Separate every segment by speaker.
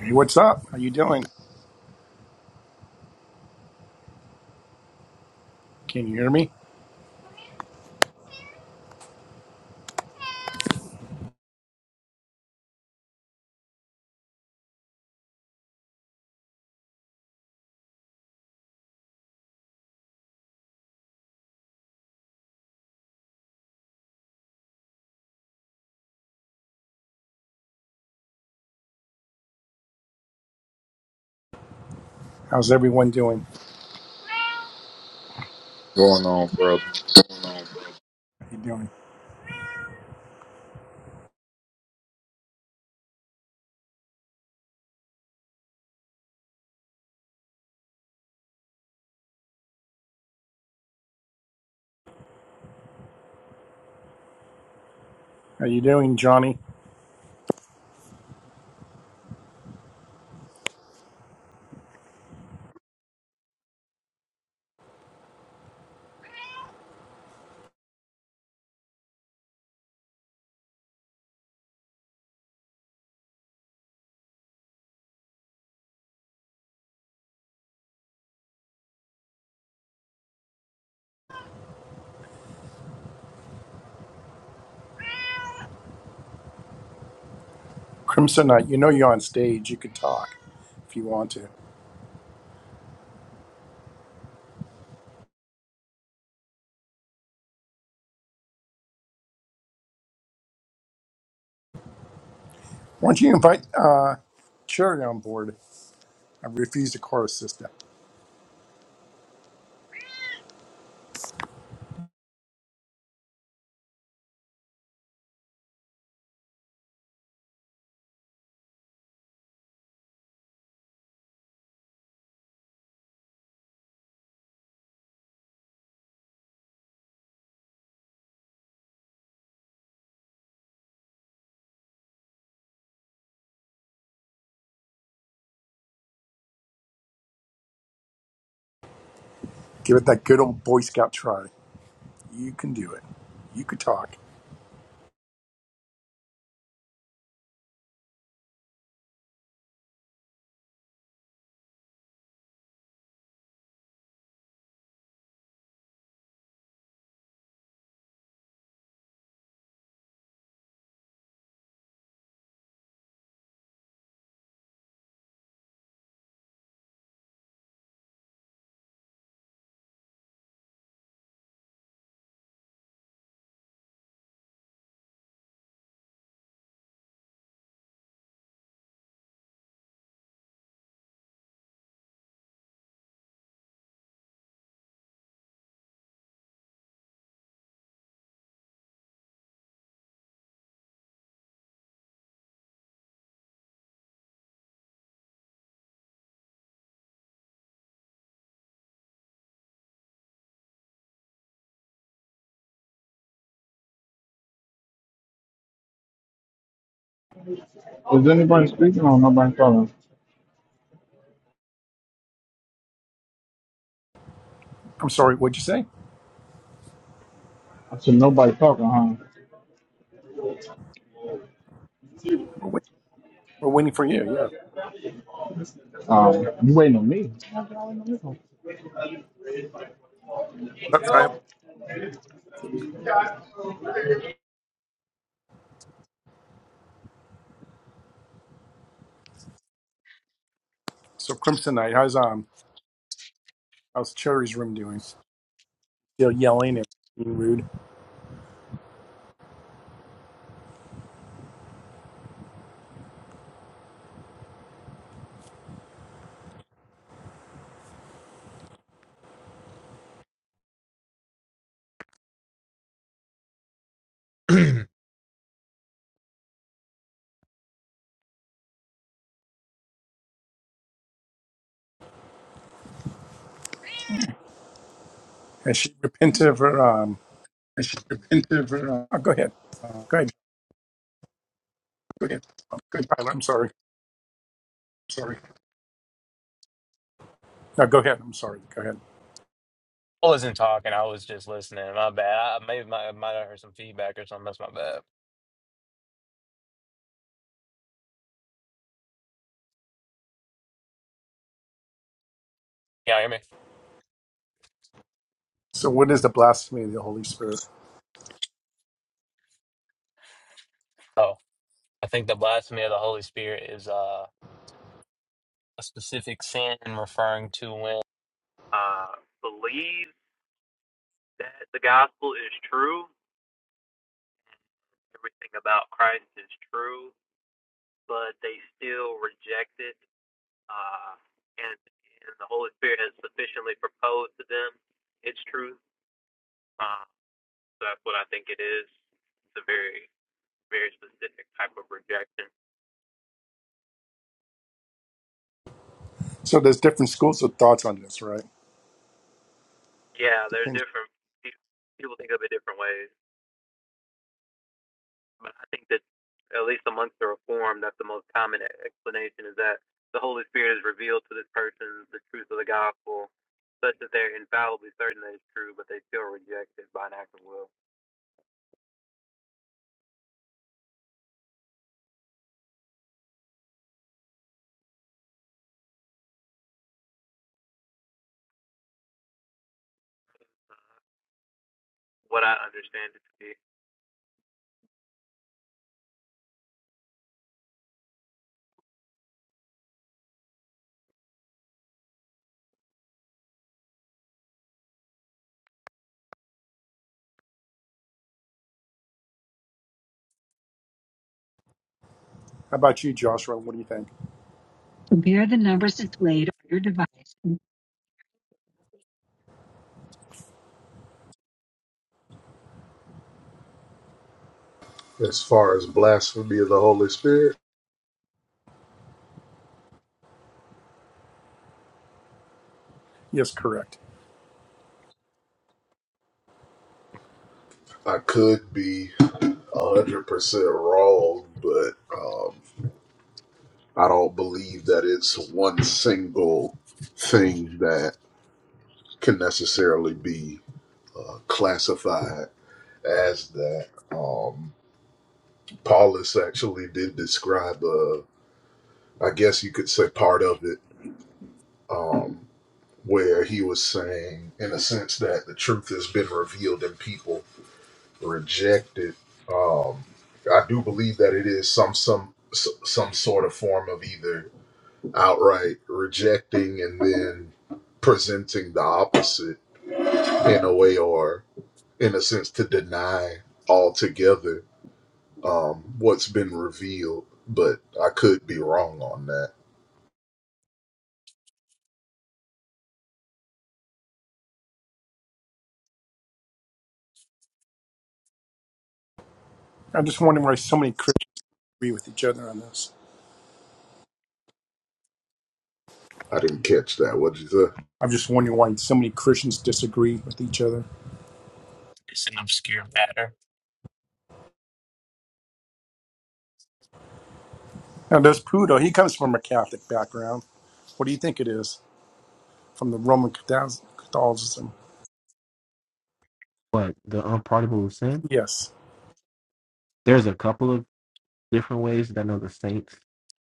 Speaker 1: Hey, what's up? How you doing? Can you hear me? How's everyone doing?
Speaker 2: going on, brother?
Speaker 1: How you doing? How you doing, Johnny? Crimson Knight, you know you're on stage. You could talk if you want to. Why don't you invite uh, Cherry on board? I refuse the chorus system. Give it that good old Boy Scout try. You can do it. You could talk.
Speaker 3: Is anybody speaking or nobody talking?
Speaker 1: I'm sorry. What'd you say?
Speaker 3: I said nobody talking, huh?
Speaker 1: We're, wait- we're waiting for you. Yeah.
Speaker 3: Um, you waiting on me?
Speaker 1: What's up, Tyler? So Crimson Knight, how's um how's Cherry's room doing? Still yelling and being rude. Has she repented
Speaker 4: I
Speaker 1: of her um?
Speaker 4: should repent of, uh,
Speaker 1: Oh, go ahead.
Speaker 4: uh,
Speaker 1: Go ahead,
Speaker 4: go ahead. Good.
Speaker 1: Tyler. I'm sorry.
Speaker 4: Sorry.
Speaker 1: No, go ahead. I'm sorry. Go ahead.
Speaker 4: I wasn't talking. I was just listening. My bad. I, maybe my, I might have heard some feedback or something. That's my bad. Can you hear me?
Speaker 1: So, what is the blasphemy of the Holy Spirit?
Speaker 4: Oh, I think the blasphemy of the Holy Spirit is uh, a specific sin referring to when
Speaker 1: So, there's different schools of thoughts on this, right? Depends. How about you, Joshua? What do you think?
Speaker 4: Compare the numbers displayed on your device.
Speaker 2: As far as blasphemy of the Holy Spirit,
Speaker 1: Yes, correct.
Speaker 2: I could be 100% wrong, but um, I don't believe that it's one single thing that can necessarily be uh, classified as that. Um, Paulus actually did describe, uh, I guess you could say, part of it, um, where he was saying, in a sense, that the truth has been revealed in people rejected. Um, I do believe that it is some some s- some sort of form of either outright rejecting and then presenting the opposite in a way, or in a sense, to deny altogether um, what's been revealed. But I could be wrong on that.
Speaker 1: I'm just wondering why so many Christians agree with each other on this.
Speaker 2: I didn't catch that. What did you say?
Speaker 1: I'm just wondering why so many Christians disagree with each other.
Speaker 4: it's an obscure matter.
Speaker 1: Now, there's Pudo. He comes from a Catholic background. What do you think it is? From the Roman Catholic- Catholicism?
Speaker 5: But the unpardonable sin,
Speaker 1: Yes.
Speaker 5: there's a couple of different ways that I know the saints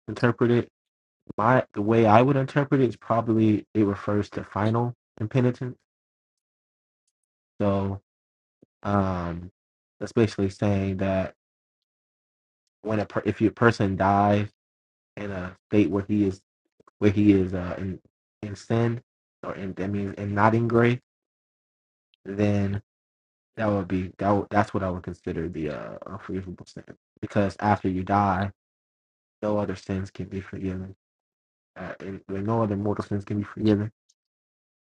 Speaker 5: interpret it. My the way I would interpret it is probably it refers to final impenitence. So um, that's basically saying that when a per- if your person dies in a state where he is where he is uh, in in sin or in that means and not in grace, then that would be that would, that's what I would consider the uh, unforgivable sin because after you die, no other sins can be forgiven. uh, and no other mortal sins can be forgiven.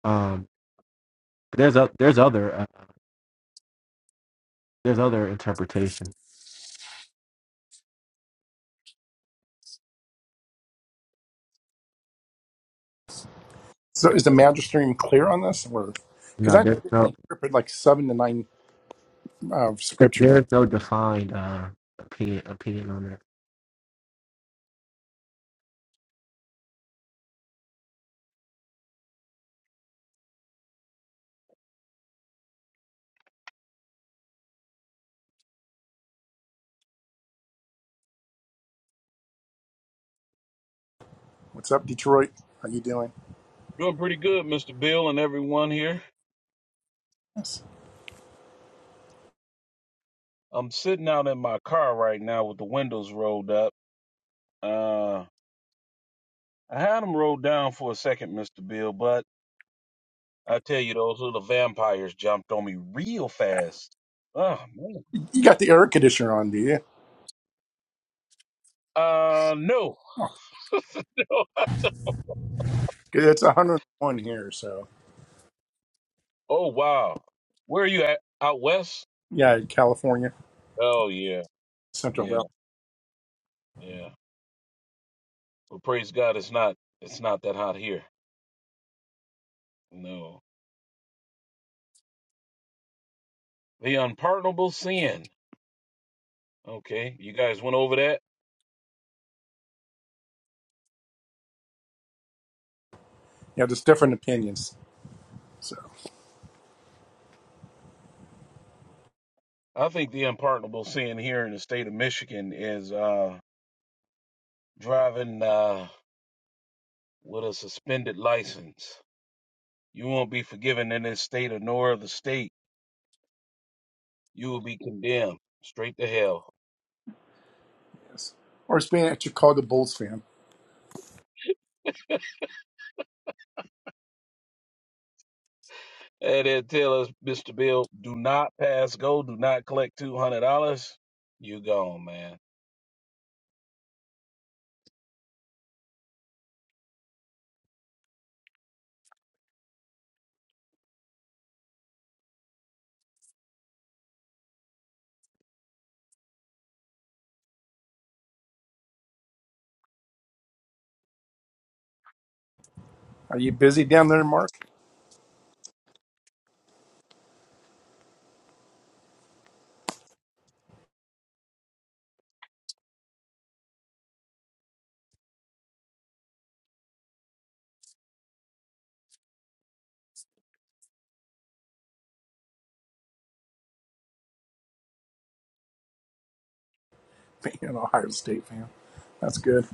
Speaker 5: Um, there's a there's other uh, there's other interpretation.
Speaker 1: So, is the magisterium clear on this? Because I
Speaker 5: No,
Speaker 1: know
Speaker 5: there's
Speaker 1: they only
Speaker 5: no
Speaker 1: interpret like seven to nine uh, scripture.
Speaker 5: there's no defined uh, opinion opinion on that.
Speaker 1: What's up, Detroit? How you doing?
Speaker 6: Doing pretty good, Mr. Bill, and everyone here. I'm sitting out in my car right now with the windows rolled up. Uh, I had them rolled down for a second, Mr. Bill, but I tell you, those little vampires jumped on me real fast. Oh, man.
Speaker 1: You got the air conditioner on, do you?
Speaker 6: Uh, no.
Speaker 1: Oh,
Speaker 6: No.
Speaker 1: It's 101 here, so
Speaker 6: oh, wow. Where are you at? Out west?
Speaker 1: yeah, California,
Speaker 6: Oh, yeah.
Speaker 1: Central Valley.
Speaker 6: Yeah. Yeah. Well, praise God, it's not, it's not that hot here. No. The unpardonable sin. Okay. You guys went over that?
Speaker 1: Yeah, there's different opinions. So
Speaker 6: I think the unpardonable sin here in the state of Michigan is uh, driving uh, with a suspended license. You won't be forgiven in this state or nor of the state. You will be condemned straight to hell.
Speaker 1: yes, or it's being a Chicago Bulls fan.
Speaker 6: And they tell us, Mr. Bill, do not pass go, do not collect $200. You gone, man.
Speaker 1: Are you busy down there, Mark? Being an Ohio State fan, that's good.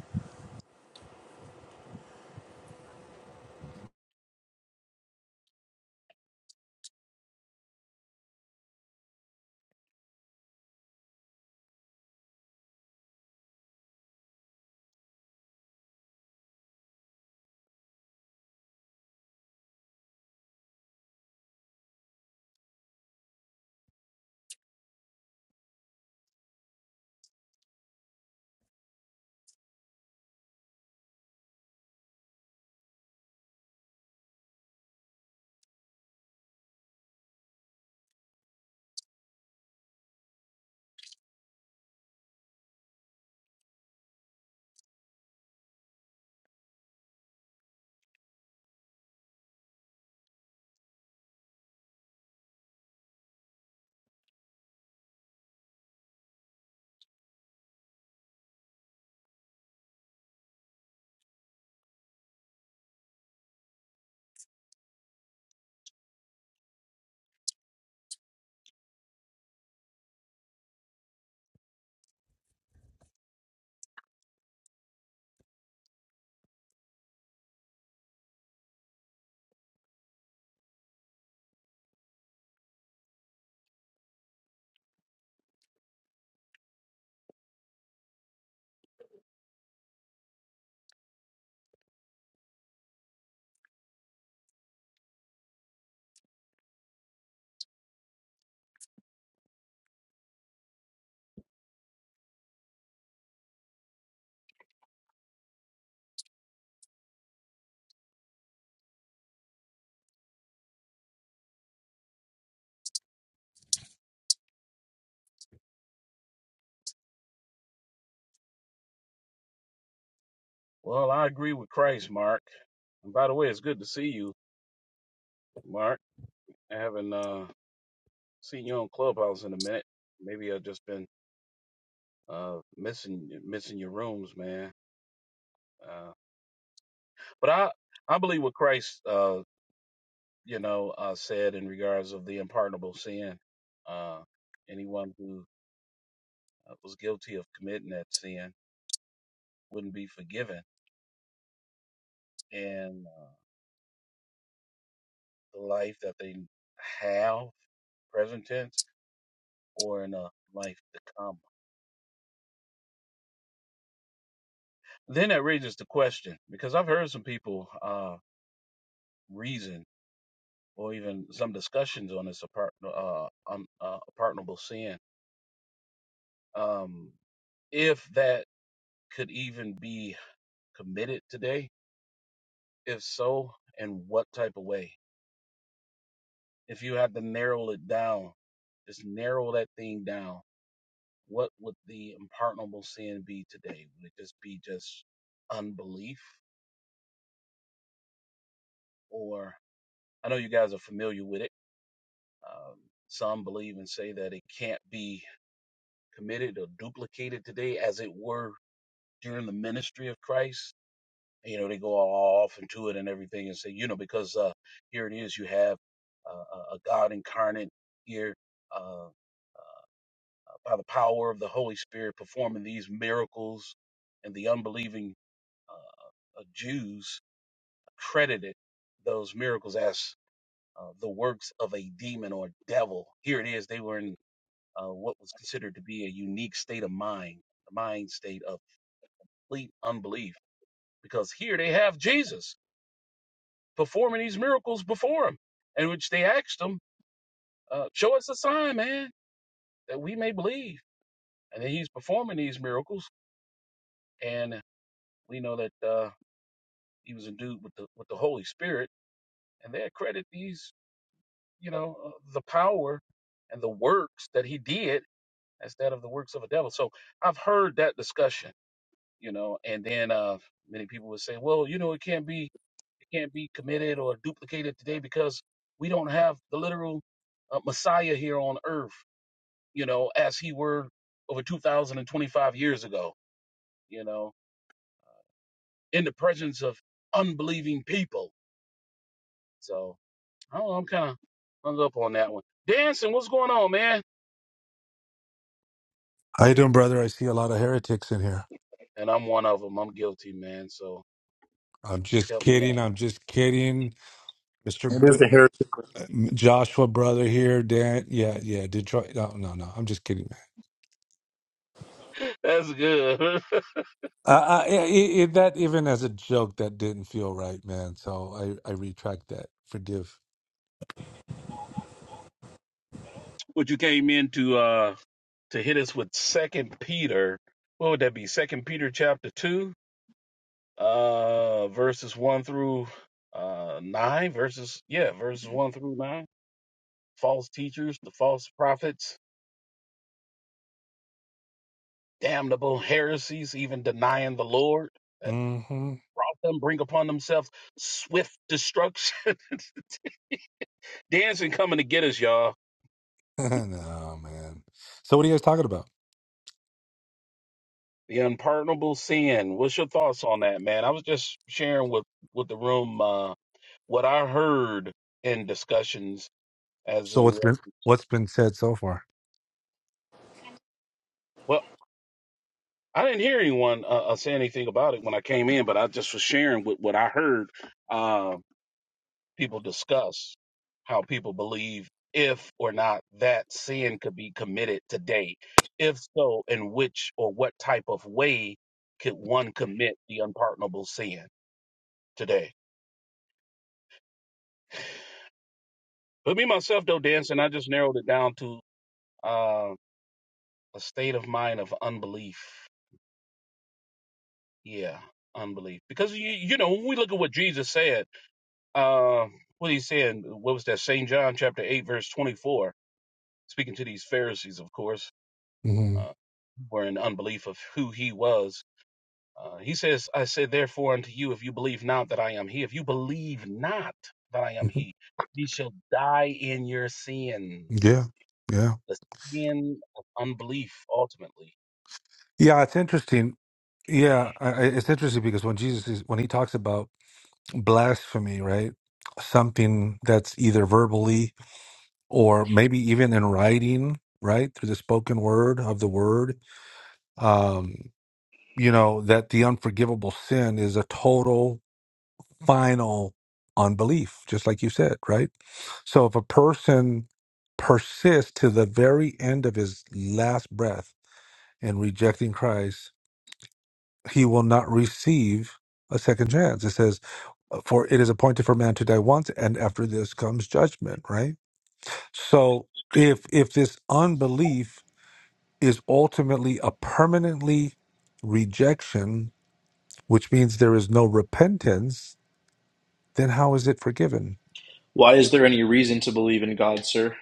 Speaker 6: Well, I agree with Christ, Mark. And by the way, it's good to see you, Mark. I haven't uh, seen you on Clubhouse in a minute. Maybe I've just been Uh, missing missing your rooms, man. Uh, but I I believe what Christ uh you know uh said in regards of the unpardonable sin. Uh, anyone who uh, was guilty of committing that sin wouldn't be forgiven, and uh, the life that they have present tense or in a life to come. Then that raises the question because I've heard some people uh, reason or even some discussions on this apart, uh, um, uh, pardonable sin um, if that could even be committed today. If so, in what type of way? If you had to narrow it down, just narrow that thing down. What would the unpardonable sin be today? Would it just be just unbelief, or I know you guys are familiar with it. Um, some believe and say that it can't be committed or duplicated today, as it were during the ministry of Christ you know they go all off into it and everything and say you know because uh here it is you have uh, a god incarnate here uh by the power of the holy spirit performing these miracles and the unbelieving uh, uh, jews credited those miracles as uh, the works of a demon or devil here it is they were in uh, what was considered to be a unique state of mind the mind state of complete unbelief because here they have jesus performing these miracles before him, in which they asked him, uh, Show us a sign, man, that we may believe. And then he's performing these miracles, and we know that uh, he was endued with the, with the Holy Spirit, and they accredit these, you know, uh, the power and the works that he did as that of the works of a devil. So I've heard that discussion you know. And then uh, many people would say, well, you know, it can't be it can't be committed or duplicated today because we don't have the literal uh, Messiah here on earth, you know, as he were over 2,025 years ago, you know, in the presence of unbelieving people. So I don't know, I'm kind of hung up on that one. Dancing, what's going on, man?
Speaker 7: How you doing, brother? I see a lot of heretics in here.
Speaker 6: And I'm one of them. I'm guilty, man. So
Speaker 7: I'm just
Speaker 6: help me
Speaker 7: kidding. I'm just kidding, Mister
Speaker 1: It is
Speaker 7: B-
Speaker 1: the heritage.
Speaker 7: Joshua, brother here. Dan, yeah, yeah, Detroit. No, no, no. I'm just kidding, man.
Speaker 6: out. That's good.
Speaker 7: Uh, I, yeah, I, i that even as a joke, that didn't feel right, man. So I, I retract that. Forgive.
Speaker 6: what you came into? to hit us with second peter what would that be second peter chapter 2 uh verses 1 through uh 9 verses yeah verses 1 through 9 false teachers the false prophets damnable heresies even denying the lord that
Speaker 7: Mm-hmm.
Speaker 6: brought them bring upon themselves swift destruction dancing coming to get us y'all
Speaker 7: no, man. So what are you guys talking about?
Speaker 6: the unpardonable sin what's your thoughts on that man i was just sharing with with the room uh what i heard in discussions as
Speaker 7: So
Speaker 6: in
Speaker 7: what's been what's been said so far?
Speaker 6: well i didn't hear anyone uh, uh, say anything about it when i came in but i just was sharing with what i heard um, people discuss how people believe if or not that sin could be committed today if so in which or what type of way could one commit the unpardonable sin today but me myself though dancing i just narrowed it down to uh, a state of mind of unbelief yeah unbelief because you you know when we look at what jesus said Um, what he said, what was that? St. John chapter 8, verse 24, speaking to these Pharisees, of course,
Speaker 7: hmm
Speaker 6: uh, were in unbelief of who he was. Uh, he says, I say therefore unto you, if you believe not that I am he, if you believe not that I am
Speaker 7: hmm
Speaker 6: he, ye shall die in your sins.
Speaker 7: Yeah, yeah,
Speaker 6: The sin of unbelief, ultimately.
Speaker 7: yeah. It's interesting. Yeah, I, I- it's interesting because when Jesus is when he talks about blasphemy, right? Something that's either verbally or maybe even in writing, right? Through the spoken word of the word. Um, you know, that the unforgivable sin is a total, final unbelief, just like you said, right? So if a person persists to the very end of his last breath in rejecting Christ, he will not receive a second chance. It says for it is appointed for man to die once and after this comes judgment right so if if this unbelief is ultimately a permanently rejection which means there is no repentance then how is it forgiven
Speaker 8: Why is there any reason to believe in God, sir?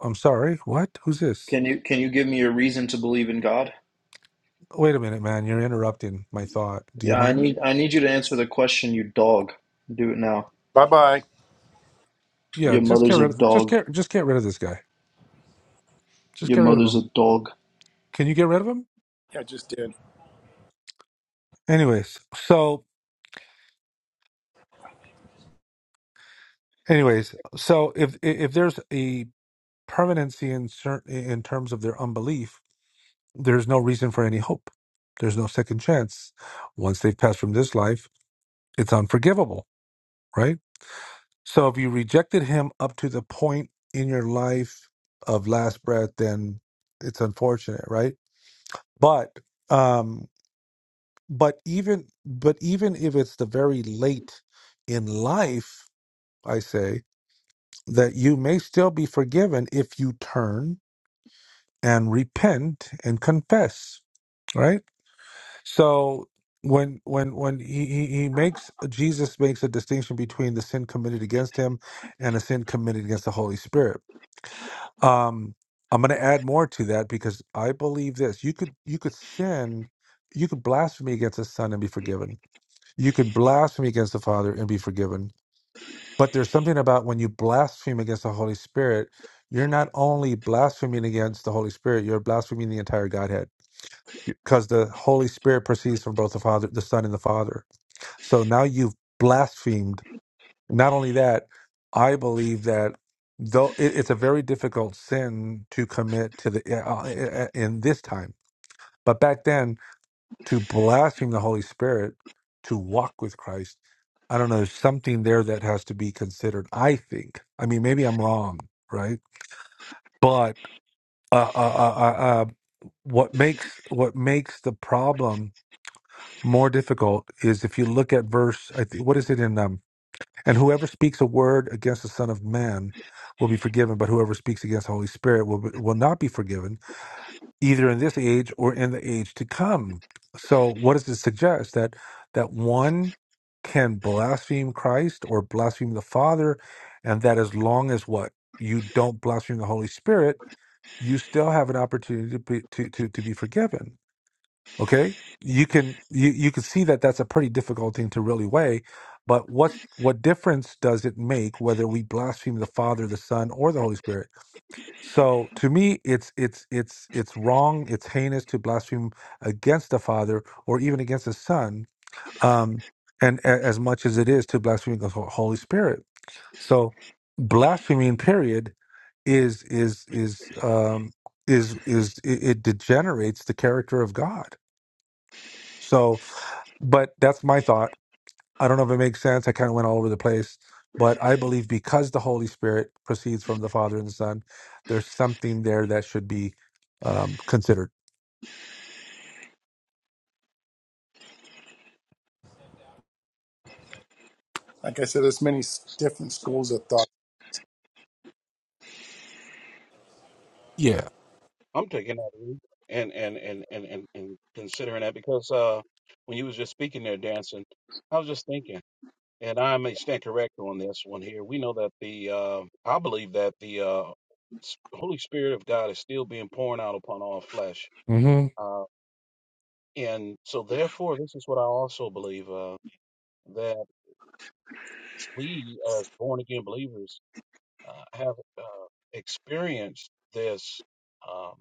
Speaker 7: i'm sorry what who's this
Speaker 8: Can you can you give me a reason to believe in God?
Speaker 7: wait a minute man you're interrupting my thought do you
Speaker 8: Yeah, I
Speaker 7: mind
Speaker 8: need I need you to answer the question, you dog. Do it now.
Speaker 1: Bye bye.
Speaker 7: yeah
Speaker 8: Your
Speaker 7: just get
Speaker 8: mother's a
Speaker 7: rid of just
Speaker 8: dog.
Speaker 7: get just get rid of this guy just
Speaker 8: Your
Speaker 7: get rid of
Speaker 8: mother's
Speaker 7: him
Speaker 8: a dog.
Speaker 7: can you get rid of him
Speaker 1: Yeah, I just did.
Speaker 7: anyways so anyways so if if there's a permanency in, cer- in terms of their unbelief, there's no reason for any hope. There's no second chance. Once they've passed from this life, it's unforgivable, right? So if you rejected him up to the point in your life of last breath, then it's unfortunate, right? But um but even but even if it's the very late in life, I say that you may still be forgiven if you turn and repent and confess, right? So when when when he, he he makes Jesus makes a distinction between the sin committed against him and a sin committed against the Holy Spirit. Um, I'm going to add more to that because I believe this: you could you could sin, you could blasphemy against the Son and be forgiven. You could blasphemy against the Father and be forgiven. But there's something about when you blaspheme against the Holy Spirit, you're not only blaspheming against the Holy Spirit, you're blaspheming the entire Godhead because the Holy Spirit proceeds from both the Father, the Son, and the Father so now you've blasphemed. Not only that, I believe that though it, it's a very difficult sin to commit to the eh, uh, eh, eh, in this time, but back then to blaspheme the Holy Spirit, to walk with Christ, I don't know, there's something there that has to be considered. I think. I mean, maybe I'm wrong, right? But uh, uh, uh, uh, uh, what makes what makes the problem more difficult is if you look at verse. I think what is it in? um, And whoever speaks a word against the Son of Man will be forgiven, but whoever speaks against the Holy Spirit will, will not be forgiven, either in this age or in the age to come. So, what does it suggest? That, that one can blaspheme Christ or blaspheme the Father, and that as long as what? You don't blaspheme the Holy Spirit, you still have an opportunity to be, to, to, to be forgiven okay you can you, you can see that that's a pretty difficult thing to really weigh but what what difference does it make whether we blaspheme the father the son or the holy spirit so to me it's it's it's it's wrong it's heinous to blaspheme against the father or even against the son um and a, as much as it is to blaspheme the Ho- holy spirit so blaspheming period is is is um is is it, it degenerates the character of god so but that's my thought. I don't know if it makes sense. I kind of went all over the place. But I believe because the Holy Spirit proceeds from the Father and the Son, there's something there that should be um, considered.
Speaker 1: Like I said, there's many s- different schools of thought.
Speaker 7: Yeah.
Speaker 6: I'm taking that in and and and and and, and considering that because uh, when you was just speaking there, dancing, I was just thinking. And I may stand correct on this one here. We know that the, uh, I believe that the uh, s- Holy Spirit of God is still being poured out upon all flesh.
Speaker 7: Mm-hmm.
Speaker 6: Uh, and so, therefore, this is what I also believe uh, that we, as born again believers, uh, have uh, experienced this um,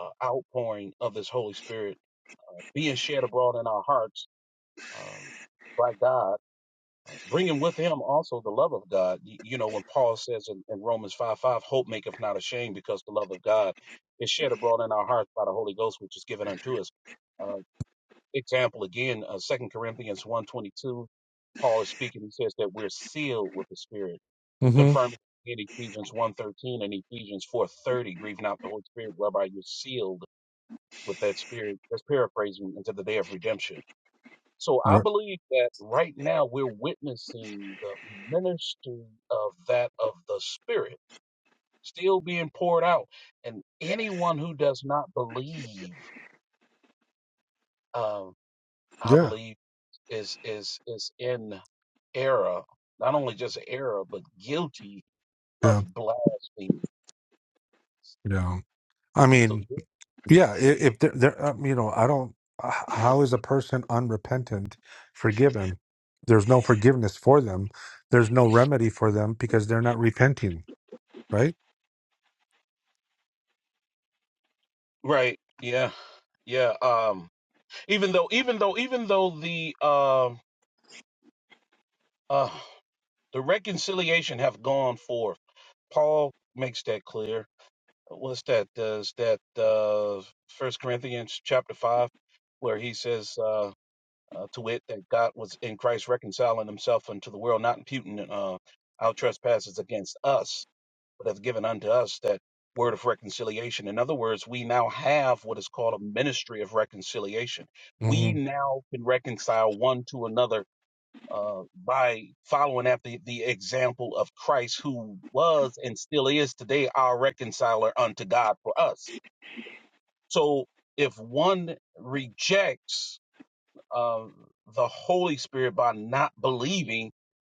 Speaker 6: uh, outpouring of this Holy Spirit being shed abroad in our hearts uh, by God Uh, bringing with him also the love of God. Y- You know, when Paul says in, in Romans 5 5, hope maketh not ashamed because the love of God is shed abroad in our hearts by the Holy Ghost, which is given unto us. Uh, example again, uh, 2 Corinthians one twenty two, Paul is speaking. He says that we're sealed with the Spirit,
Speaker 7: Mm-hmm.
Speaker 6: confirmed in Ephesians one thirteen and Ephesians four thirty. grieve not the Holy Spirit, whereby you're sealed with that Spirit. That's paraphrasing into the day of redemption so I
Speaker 7: Right.
Speaker 6: believe that right now we're witnessing the ministry of that of the Spirit still being poured out. And anyone who does not believe, um, I
Speaker 7: Yeah.
Speaker 6: believe, is is is in error, not only just error, but guilty of
Speaker 7: Yeah.
Speaker 6: blasphemy.
Speaker 7: Yeah. I
Speaker 6: So
Speaker 7: mean, yeah, i- if there, there um, you know, I don't, h- how is a person unrepentant forgiven? There's no forgiveness for them. There's no remedy for them because they're not repenting, right?
Speaker 6: right, yeah, yeah. Um, even though, even though, even though the um, uh, the reconciliation have gone forth Paul makes that clear. What's that? Does that uh, First Corinthians chapter five, where he says, uh, uh, "To wit, that God was in Christ reconciling Himself unto the world, not imputing uh, our trespasses against us, but hath given unto us that word of reconciliation." In other words, we now have what is called a ministry of reconciliation. We
Speaker 7: Mm-hmm.
Speaker 6: now can reconcile one to another uh, by following after the example of Christ, who was and still is today our reconciler unto God for us. So if one rejects uh, the Holy Spirit by not believing,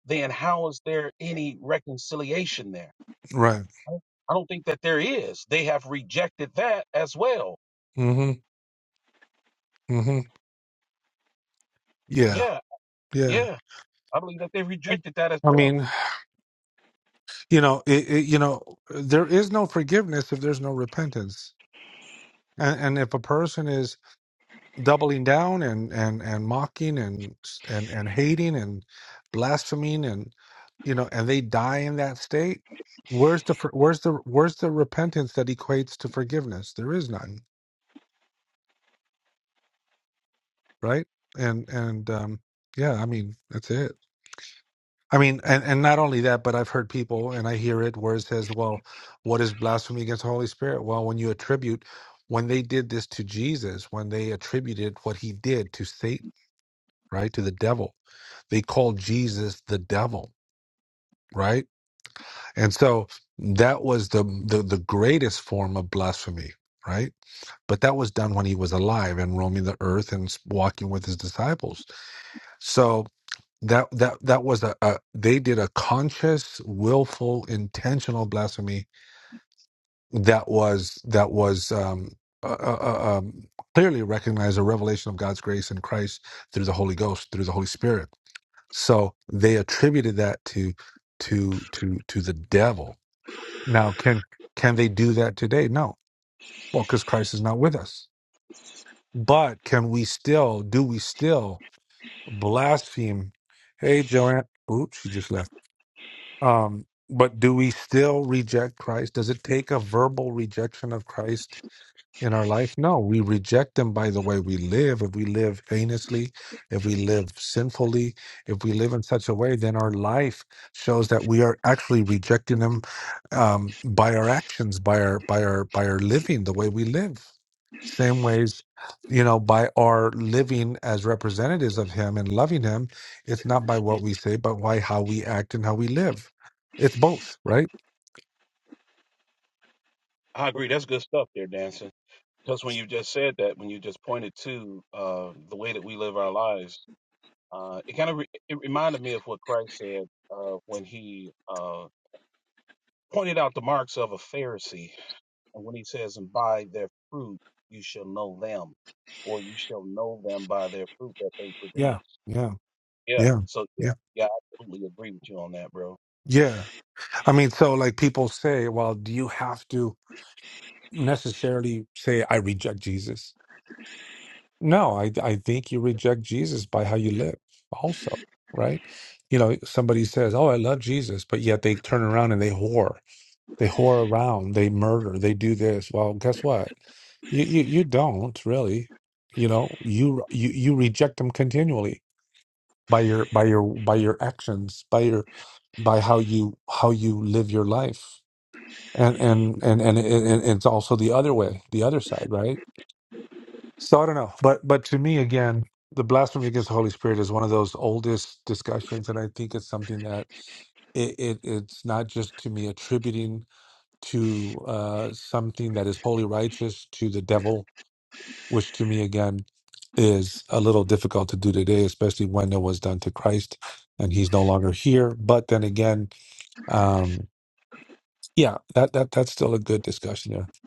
Speaker 6: then how is there any reconciliation there?
Speaker 7: Right.
Speaker 6: I don't I don't think that there is. They have rejected that as well.
Speaker 7: Mm-hmm. Mm-hmm. Yeah.
Speaker 6: Yeah,
Speaker 7: Yeah.
Speaker 6: yeah. I believe that they rejected that as
Speaker 7: I
Speaker 6: well.
Speaker 7: mean, you know, it, it, you know, there is no forgiveness if there's no repentance, and, and if a person is doubling down and and and mocking and and and hating and blaspheming and you know, and they die in that state, where's the for- where's the where's the repentance that equates to forgiveness? There is none, right? And and um, yeah, I mean, that's it. I mean, and, and not only that, but I've heard people and I hear it where it says, well, what is blasphemy against the Holy Spirit? Well, when you attribute, when they did this to Jesus, when they attributed what he did to Satan, right, to the devil, they called Jesus the devil, right? And so that was the the, the greatest form of blasphemy, right? But that was done when he was alive and roaming the earth and walking with his disciples. So that that that was a, a they did a conscious willful intentional blasphemy that was that was um uh, uh, uh, um, clearly recognized a revelation of God's grace in Christ through the Holy Ghost, through the Holy Spirit. So they attributed that to to to to the devil. Now, can can they do that today? No, well, because Christ is not with us. But can we still? Do we still blaspheme? Hey, Joanne. Oops, she just left Um, but do we still reject Christ? Does it take a verbal rejection of Christ in our life? No, we reject them by the way we live. If we live heinously, if we live sinfully, if we live in such a way, then our life shows that we are actually rejecting them um, by our actions, by our by our by our living, the way we live. Same ways, you know, by our living as representatives of Him and loving Him, it's not by what we say, but by how we act and how we live. It's both, right?
Speaker 6: I agree. That's good stuff there, Dan. Because when you just said that, when you just pointed to uh, the way that we live our lives, uh, it kind of re- it reminded me of what Christ said uh, when he uh, pointed out the marks of a Pharisee, and when he says, "And by their fruit you shall know them," or "You shall know them by their fruit that they produce."
Speaker 7: Yeah, yeah,
Speaker 6: Yeah.
Speaker 7: yeah,
Speaker 6: So yeah,
Speaker 7: yeah,
Speaker 6: yeah, I totally agree with you on that, bro.
Speaker 7: yeah. I mean, so like people say, well, do you have to necessarily say, I reject Jesus? No, I, I think you reject Jesus by how you live, also, right? You know, somebody says, oh, I love Jesus, but yet they turn around and they whore. They whore around, they murder, they do this. Well, guess what? You, you, you don't really, you know, you, you, you reject them continually by your, by your, by your actions, by your, by how you, how you live your life and and and and, and and it's also the other way the other side right so i don't know but but to me again the blasphemy against the holy spirit is one of those oldest discussions and i think it's something that it, it it's not just to me attributing to uh something that is wholly righteous to the devil which to me again is a little difficult to do today especially when it was done to christ and he's no longer here but then again um yeah that that that's still a good discussion there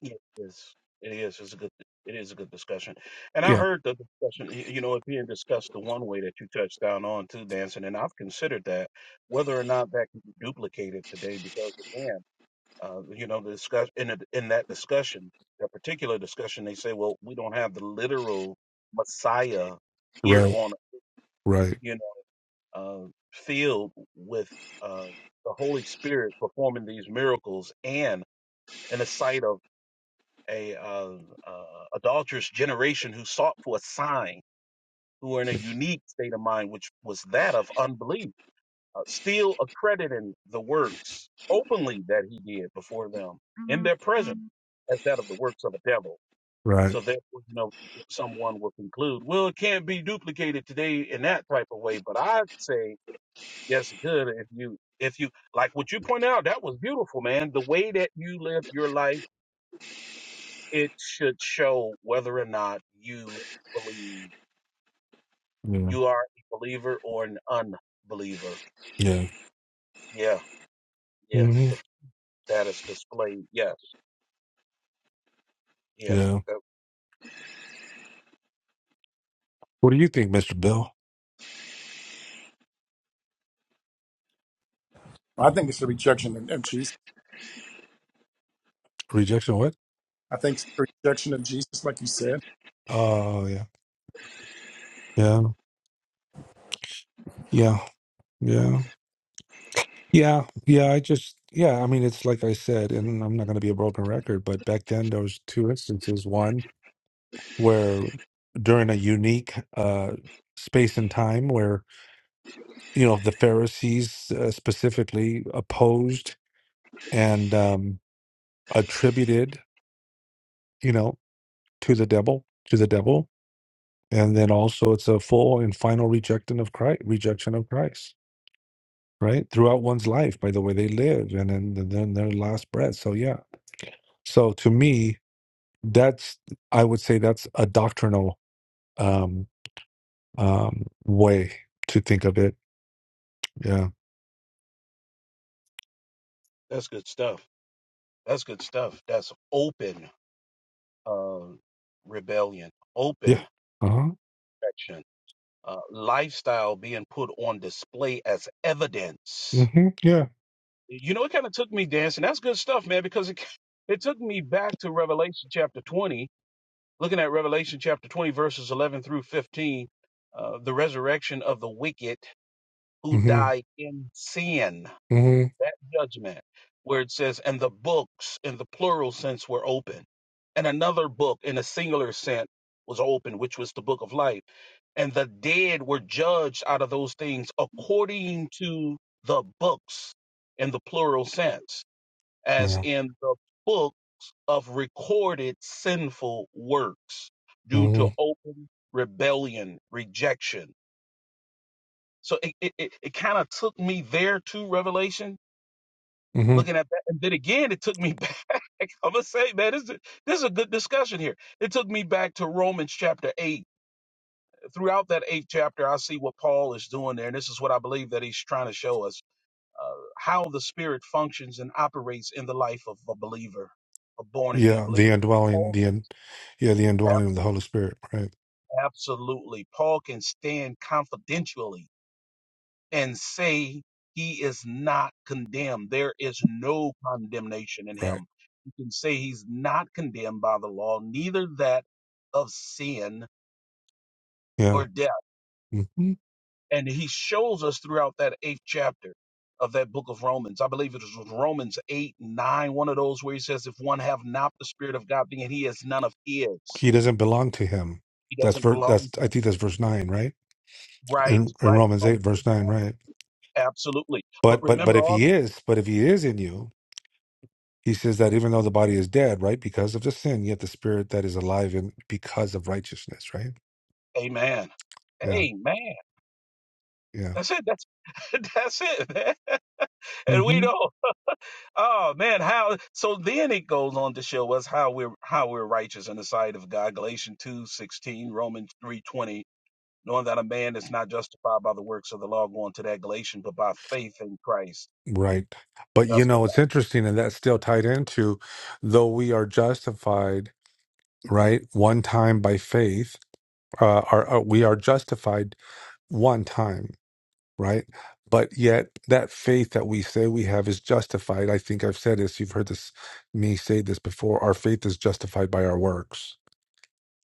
Speaker 6: Yeah, It is. It is. It's a good. It is a good discussion. And I
Speaker 7: yep
Speaker 6: heard the discussion. y- You know, it being discussed the one way that you touched down on too, dancing, and I've considered that whether or not that can be duplicated today, because again, uh, you know, the discuss in a, in that discussion, that particular discussion, they say, well, we don't have the literal Messiah here
Speaker 7: Right,
Speaker 6: on
Speaker 7: right,
Speaker 6: you know uh, field with uh, the Holy Spirit performing these miracles and in the sight of a uh, uh, adulterous generation who sought for a sign, who were in a unique state of mind, which was that of unbelief, uh, still accrediting the works openly that he did before them in hmm their presence as that of the works of a devil.
Speaker 7: right.
Speaker 6: So therefore, you know, someone will conclude, well, it can't be duplicated today in that type of way. But I say, yes, it could if you, if you, like what you point out, that was beautiful, man. The way that you lived your life it should show whether or not you believe
Speaker 7: Yeah,
Speaker 6: you are a believer or an unbeliever.
Speaker 7: yeah,
Speaker 6: Yeah, yeah,
Speaker 7: hmm
Speaker 6: the, status displayed. Yes, yeah,
Speaker 7: yeah.
Speaker 6: that,
Speaker 7: What do you think, Mister Bill?
Speaker 1: I think it's a rejection of, of Jesus.
Speaker 7: Rejection? What?
Speaker 1: I think it's a rejection of Jesus, like you said.
Speaker 7: Oh, yeah, yeah, yeah, yeah, yeah, yeah. I just, yeah. I mean, it's like I said, and I'm not going to be a broken record, but back then there was two instances. One where during a unique uh, space and time, where you know the Pharisees uh, specifically opposed and um, attributed, you know, to the devil, to the devil, and then also it's a full and final rejection of Christ, rejection of Christ, right? Throughout one's life, by the way they live, and then and then their last breath. So yeah. So to me, that's I would say that's a doctrinal um, um, way to think of it. Yeah.
Speaker 6: that's good stuff. That's good stuff. That's open uh, rebellion,
Speaker 7: Yeah.
Speaker 6: open
Speaker 7: Uh huh.
Speaker 6: section, uh, lifestyle being put on display as evidence.
Speaker 7: Mm-hmm. Yeah.
Speaker 6: You know, it kind of took me dancing. That's good stuff, man, because it, it took me back to Revelation chapter 20 Looking at Revelation chapter 20, verses 11 through 15, uh, the resurrection of the wicked who
Speaker 7: Mm-hmm.
Speaker 6: died in sin,
Speaker 7: Mm-hmm.
Speaker 6: that judgment, where it says, and the books in the plural sense were open. And another book in a singular sense was open, which was the book of life. And the dead were judged out of those things according to the books in the plural sense, as
Speaker 7: Yeah.
Speaker 6: in the book of recorded sinful works due
Speaker 7: Mm-hmm.
Speaker 6: to open rebellion, rejection. So it, it, it, it kind of took me there to Revelation,
Speaker 7: Mm-hmm.
Speaker 6: looking at that. And then again, it took me back. I'm going to say, man, this is, this is a good discussion here. It took me back to Romans chapter 8. Throughout that eighth chapter, I see what Paul is doing there. And this is what I believe that he's trying to show us uh, how the Spirit functions and operates in the life of a believer, a born again
Speaker 7: Yeah. The
Speaker 6: believer.
Speaker 7: indwelling. The in, yeah. The indwelling of the Holy Spirit. Right.
Speaker 6: Absolutely. Paul can stand confidentially and say he is not condemned. There is no condemnation in
Speaker 7: Right.
Speaker 6: him. You can say he's not condemned by the law, neither that of sin
Speaker 7: Yeah.
Speaker 6: or death.
Speaker 7: Mm-hmm.
Speaker 6: And he shows us throughout that eighth chapter of that book of Romans. I believe it was Romans 8, 9, one of those where he says, If one have not the Spirit of God, then he is none of his.
Speaker 7: He doesn't belong to him.
Speaker 6: He
Speaker 7: That's
Speaker 6: doesn't
Speaker 7: ver-
Speaker 6: belong
Speaker 7: that's
Speaker 6: to
Speaker 7: I
Speaker 6: him.
Speaker 7: think that's verse nine, right?
Speaker 6: Right,
Speaker 7: In in
Speaker 6: right.
Speaker 7: Romans eight,
Speaker 6: Romans, eight.
Speaker 7: verse nine, right?
Speaker 6: absolutely. But
Speaker 7: But but but
Speaker 6: remember
Speaker 7: if
Speaker 6: also.
Speaker 7: he is, but if he is in you, he says that even though the body is dead, right, because of the sin, yet the spirit that is alive in because of righteousness, right?
Speaker 6: Amen.
Speaker 7: Yeah,
Speaker 6: Amen.
Speaker 7: yeah.
Speaker 6: That's it. That's that's it, man. And we
Speaker 7: hmm
Speaker 6: know, oh man, how so then it goes on to show us how we're how we're righteous in the sight of God. Galatians two sixteen, Romans three twenty, knowing that a man is not justified by the works of the law going to that Galatians, but by faith in Christ.
Speaker 7: Right. But you
Speaker 6: Justified
Speaker 7: know, it's interesting, and that's still tied into though we are justified, right, one time by faith, uh, are, are we are justified one time right? But yet, that faith that we say we have is justified. I think I've said this. You've heard this me say this before. Our faith is justified by our works,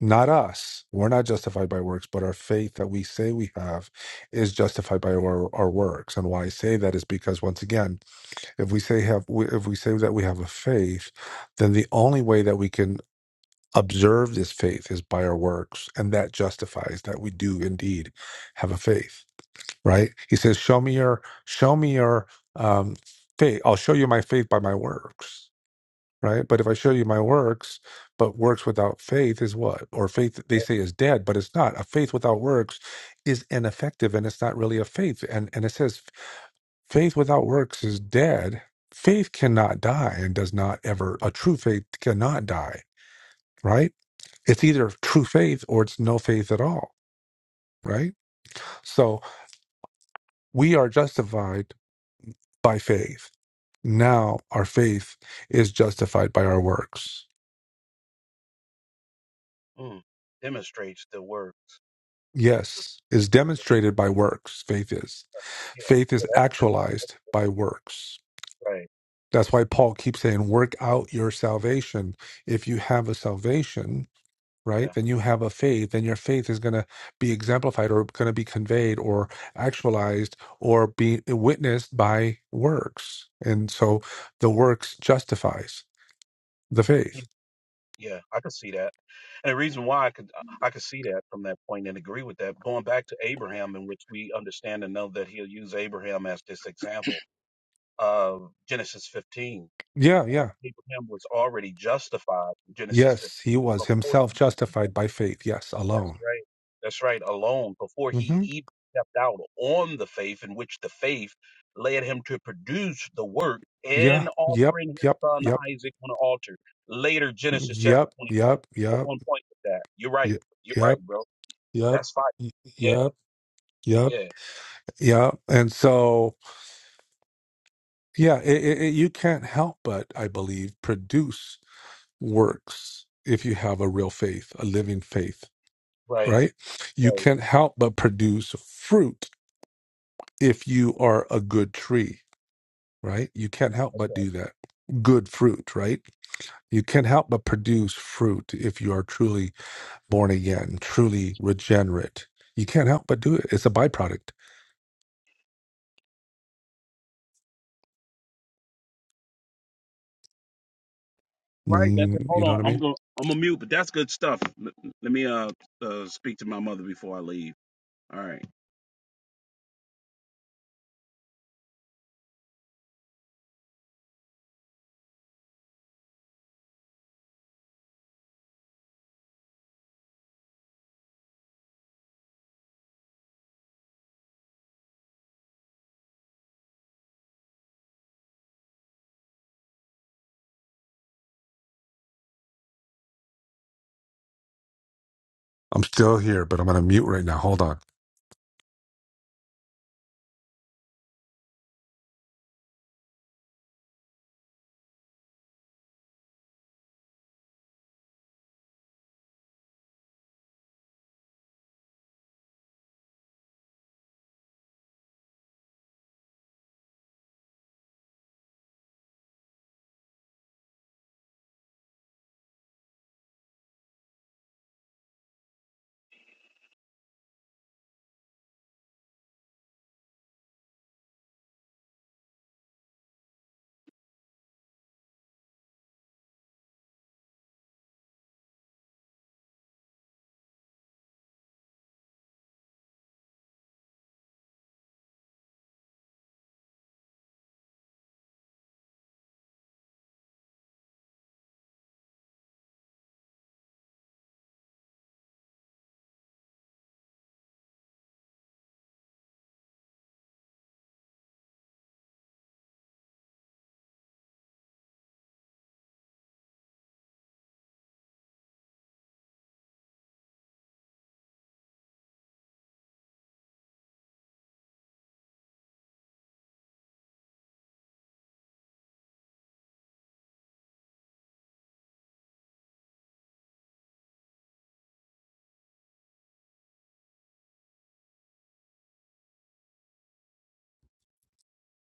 Speaker 7: not us. We're not justified by works, but our faith that we say we have is justified by our, our works. And why I say that is because once again, if we say have if we say that we have a faith, then the only way that we can observe this faith is by our works, and that justifies that we do indeed have a faith right? He says, "Show me your, show me your um, faith. I'll show you my faith by my works." Right? But if I show you my works, but works without faith is what? Or faith they say is dead, but it's not. A faith without works is ineffective, and it's not really a faith. And and it says faith without works is dead. Faith cannot die and does not ever. A true faith cannot die. Right? It's either true faith or it's no faith at all. Right? So we are justified by faith Now our faith is justified by our works.
Speaker 6: mm, demonstrates the works.
Speaker 7: Yes, is demonstrated by works, faith is.
Speaker 6: Yeah,
Speaker 7: Faith
Speaker 6: yeah,
Speaker 7: is
Speaker 6: that's
Speaker 7: actualized by works.
Speaker 6: right.
Speaker 7: That's why Paul keeps saying, work out your salvation. If you have a salvation, right, then
Speaker 6: Yeah.
Speaker 7: you have a faith, and your faith is going to be exemplified or going to be conveyed or actualized or be witnessed by works. And so the works justifies the faith.
Speaker 6: Yeah, I could see that. And the reason why I could uh, I could see that from that point and agree with that, going back to Abraham, in which we understand and know that he'll use Abraham as this example of Genesis 15.
Speaker 7: Yeah,
Speaker 6: Uh,
Speaker 7: yeah.
Speaker 6: Abraham was already justified in Genesis 15
Speaker 7: Yes, he was
Speaker 6: before
Speaker 7: himself
Speaker 6: he
Speaker 7: justified
Speaker 6: even,
Speaker 7: by faith. Yes,
Speaker 6: that's
Speaker 7: alone.
Speaker 6: right, that's right, alone, before he
Speaker 7: hmm
Speaker 6: even stepped out on the faith in which the faith led him to produce the work
Speaker 7: Yeah.
Speaker 6: and
Speaker 7: Yep.
Speaker 6: offering his
Speaker 7: Yep.
Speaker 6: son
Speaker 7: Yep.
Speaker 6: Isaac on an altar. Later, Genesis chapter
Speaker 7: Yep.
Speaker 6: 25.
Speaker 7: Yep.
Speaker 6: You're
Speaker 7: Yep.
Speaker 6: on point with that. You're right.
Speaker 7: Yep.
Speaker 6: You're right,
Speaker 7: Yep.
Speaker 6: bro.
Speaker 7: Yep.
Speaker 6: That's fine.
Speaker 7: y-
Speaker 6: Yeah,
Speaker 7: Yep. Yep.
Speaker 6: yeah.
Speaker 7: Yep. And so, yeah, it, it, it- you can't help but, I believe, produce works if you have a real faith, a living faith,
Speaker 6: Right.
Speaker 7: right? You
Speaker 6: Right.
Speaker 7: can't help but produce fruit if you are a good tree, right? You can't help
Speaker 6: That's
Speaker 7: but
Speaker 6: right.
Speaker 7: do that. Good fruit, right? You can't help but produce fruit if you are truly born again, truly regenerate. You can't help but do it. It's a byproduct.
Speaker 6: Right, that's it.
Speaker 7: Mm, you
Speaker 6: Hold
Speaker 7: know what I
Speaker 6: on. I'm
Speaker 7: mean?
Speaker 6: gonna I'm gonna mute, but that's good stuff. L- let me uh, uh speak to my mother before I leave. All right.
Speaker 7: I'm still here, but I'm going to mute right now. Hold on.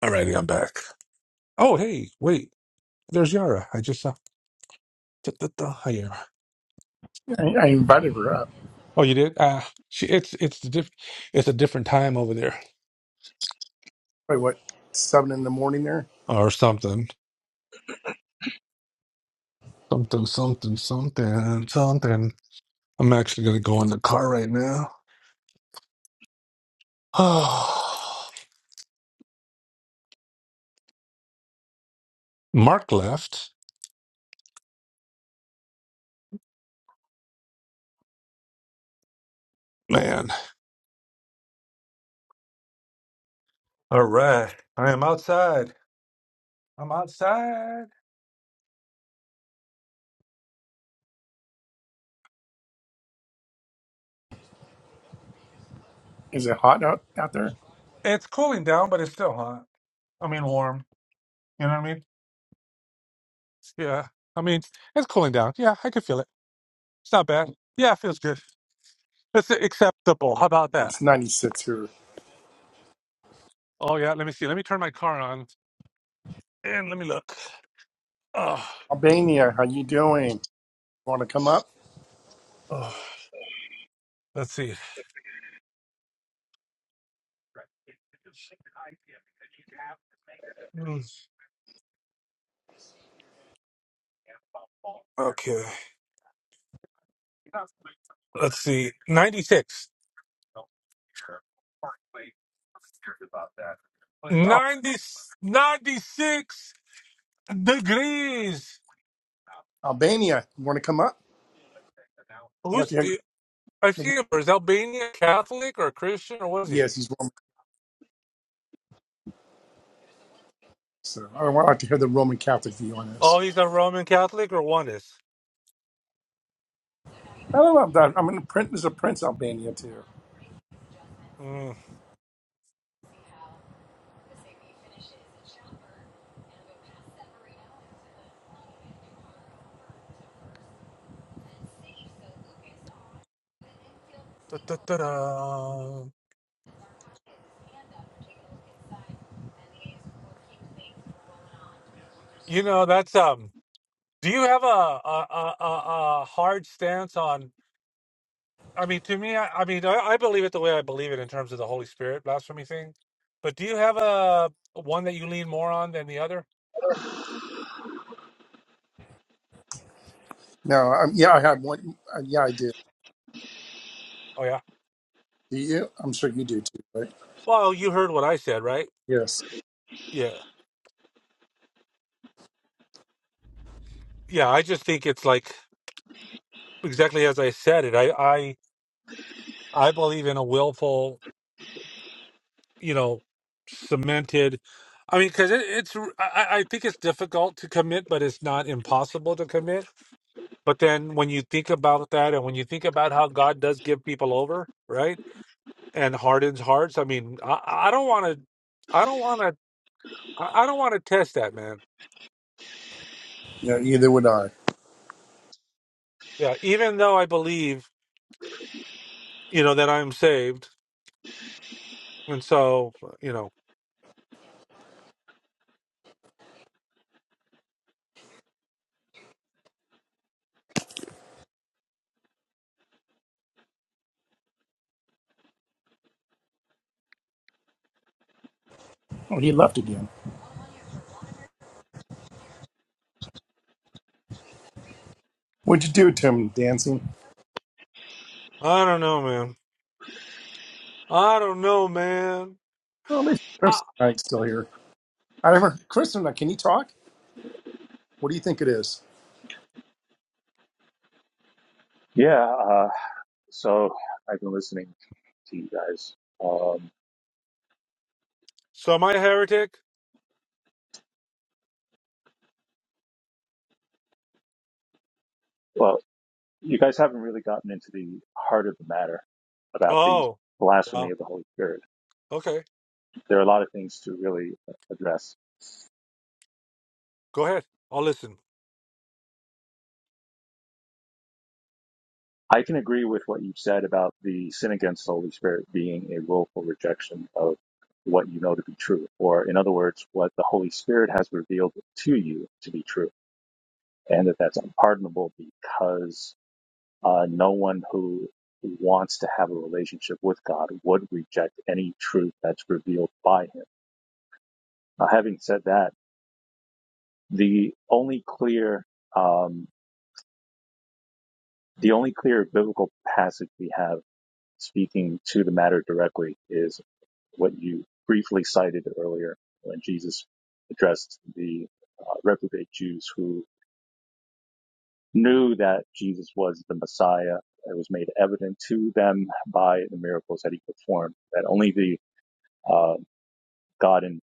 Speaker 7: Alrighty, I'm back. Oh, hey, wait. There's Yara. I just saw. da, da, da. Hi, Yara.
Speaker 1: I, I invited her up.
Speaker 7: Oh, you did? Ah, she, it's it's the diff, it's a different time over there,
Speaker 1: Wait, what? Seven in the morning there?
Speaker 7: or something, something, something, something, something. I'm actually going to go in the car right now. Oh, Mark left. Man, All right. I am outside. I'm outside.
Speaker 1: Is it hot out out there?
Speaker 7: It's cooling down, but it's still hot. I mean, warm. You know what I mean? Yeah. I mean, it's cooling down. Yeah, I can feel it. It's not bad. Yeah, it feels good. It's acceptable. How about that?
Speaker 1: It's 96 here.
Speaker 7: Oh, yeah. Let me see. Let me turn my car on and let me look. Oh,
Speaker 1: Albania, how you doing? Want to come up?
Speaker 7: oh. let's see. Mm. Okay. Let's see. 96. know, Parkway. I'm scared about that. But
Speaker 1: So,
Speaker 7: 90, 96 degrees.
Speaker 1: Albania, you want to come up? I'd like to
Speaker 7: Who's
Speaker 1: hear.
Speaker 7: is
Speaker 1: you.
Speaker 7: he? Is Albania Catholic or Christian or what is he?
Speaker 1: Yes, he's Roman. So I would like to hear the Roman Catholic view on
Speaker 7: Oh,
Speaker 1: this.
Speaker 7: he's a Roman Catholic or one is.
Speaker 1: I don't know. About, I'm going to print. There's a Prince Albania too.
Speaker 7: Mm. Da-da-da-da. You know that's um. Do you have a a a, a, a hard stance on? I mean, to me, I, I mean, I, I believe it the way I believe it in terms of the Holy Spirit blasphemy thing. But do you have a one that you lean more on than the other?
Speaker 1: No, i yeah, I had one. Uh, yeah, I did.
Speaker 7: Oh yeah.
Speaker 1: Do you? I'm sure you do too, right?
Speaker 7: Well, you heard what I said, right?
Speaker 1: Yes.
Speaker 7: Yeah, yeah. I just think it's like exactly as I said it. I, I, I believe in a willful, you know, cemented. I mean, because it, it's, I, I I think it's difficult to commit, but it's not impossible to commit. But then when you think about that, and when you think about how God does give people over, right? and hardens hearts. I mean, I, I don't want to, I don't want to, I I don't want to test that, man.
Speaker 1: Yeah, either would I.
Speaker 7: Yeah, even though I believe, you know, that I'm saved, and so, you know,
Speaker 1: Oh, he left again. What'd you do to him, dancing?
Speaker 7: I don't know, man. I don't know, man.
Speaker 1: Oh, at least
Speaker 7: I,
Speaker 1: Chris Knight's still here. I never. Chris Knight, can you talk? What do you think it is?
Speaker 9: Yeah, uh, so I've been listening to you guys. Um,
Speaker 7: so am I a heretic?
Speaker 9: well, you guys haven't really gotten into the heart of the matter about the
Speaker 7: Oh,
Speaker 9: blasphemy
Speaker 7: well,
Speaker 9: of the Holy Spirit.
Speaker 7: okay.
Speaker 9: There are a lot of things to really address.
Speaker 7: Go ahead. I'll listen.
Speaker 9: I can agree with what you've said about the sin against the Holy Spirit being a willful rejection of what you know to be true, or in other words, what the Holy Spirit has revealed to you to be true, and that that's unpardonable because Uh, no one who wants to have a relationship with God would reject any truth that's revealed by Him. Now, having said that, the only clear, um, the only clear biblical passage we have speaking to the matter directly is what you briefly cited earlier when Jesus addressed the uh, reprobate Jews who knew that Jesus was the Messiah. It was made evident to them by the miracles that he performed that only the uh, God and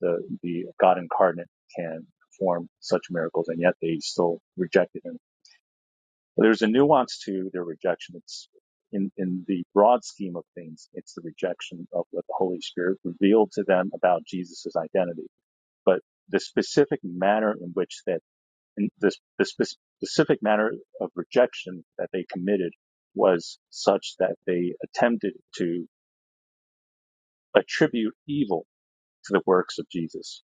Speaker 9: the the God incarnate can perform such miracles, and yet they still rejected him. But There's a nuance to their rejection. It's in in the broad scheme of things, it's the rejection of what the Holy Spirit revealed to them about Jesus' identity, but the specific manner in which that in this the specific manner of rejection that they committed was such that they attempted to attribute evil to the works of Jesus.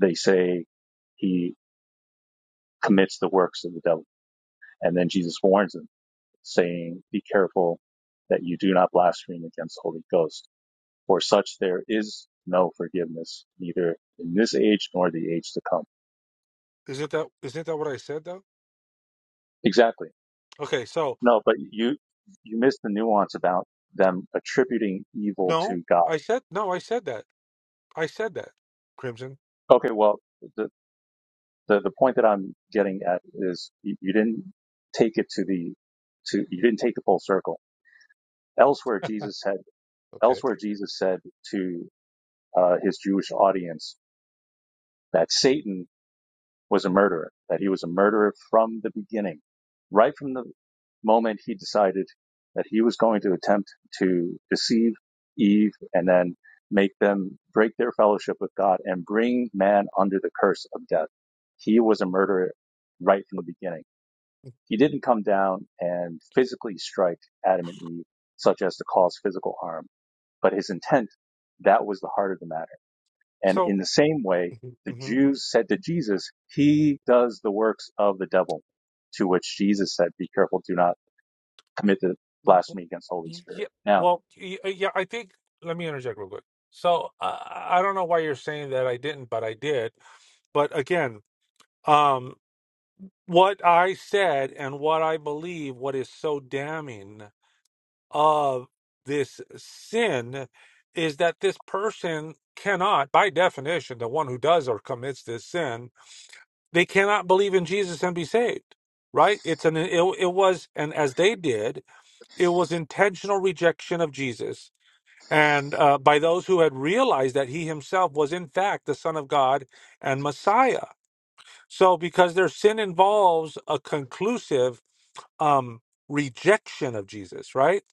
Speaker 9: They say, he commits the works of the devil. And then Jesus warns him, saying, Be careful that you do not blaspheme against the Holy Ghost. For such there is no forgiveness, neither in this age nor the age to come.
Speaker 7: Isn't that isn't that what I said though?
Speaker 9: Exactly.
Speaker 7: Okay, so
Speaker 9: No, but you you missed the nuance about them attributing evil
Speaker 7: no,
Speaker 9: to God.
Speaker 7: I said no, I said that. I said that. Crimson.
Speaker 9: Okay, well, the the, the point that I'm getting at is you, you didn't take it to the to you didn't take the full circle. Elsewhere, Jesus had
Speaker 7: Okay.
Speaker 9: elsewhere Jesus said to uh, his Jewish audience that Satan was a murderer, that he was a murderer from the beginning, right from the moment he decided that he was going to attempt to deceive Eve and then make them break their fellowship with God and bring man under the curse of death. He was a murderer right from the beginning. He didn't come down and physically strike Adam and Eve, such as to cause physical harm, but his intent, that was the heart of the matter and
Speaker 7: So,
Speaker 9: in the same way, the Jews said to Jesus, He does the works of the devil, to which Jesus said, Be careful, do not commit the
Speaker 7: W- w-
Speaker 9: blasphemy against the Holy
Speaker 7: y- Yeah.
Speaker 9: Spirit. Now,
Speaker 7: Well, y- uh, yeah, I think, let me interject real quick. So uh, I don't know why you're saying that I didn't, but I did. But again, um, what I said and what I believe, what is so damning of this sin is that this person cannot, by definition, the one who does or commits this sin, they cannot believe in Jesus and be saved. Right? It's an it, it was and as they did, it was intentional rejection of Jesus and uh, by those who had realized that he himself was in fact the Son of God and Messiah. So, because their sin involves a conclusive um, rejection of Jesus, right?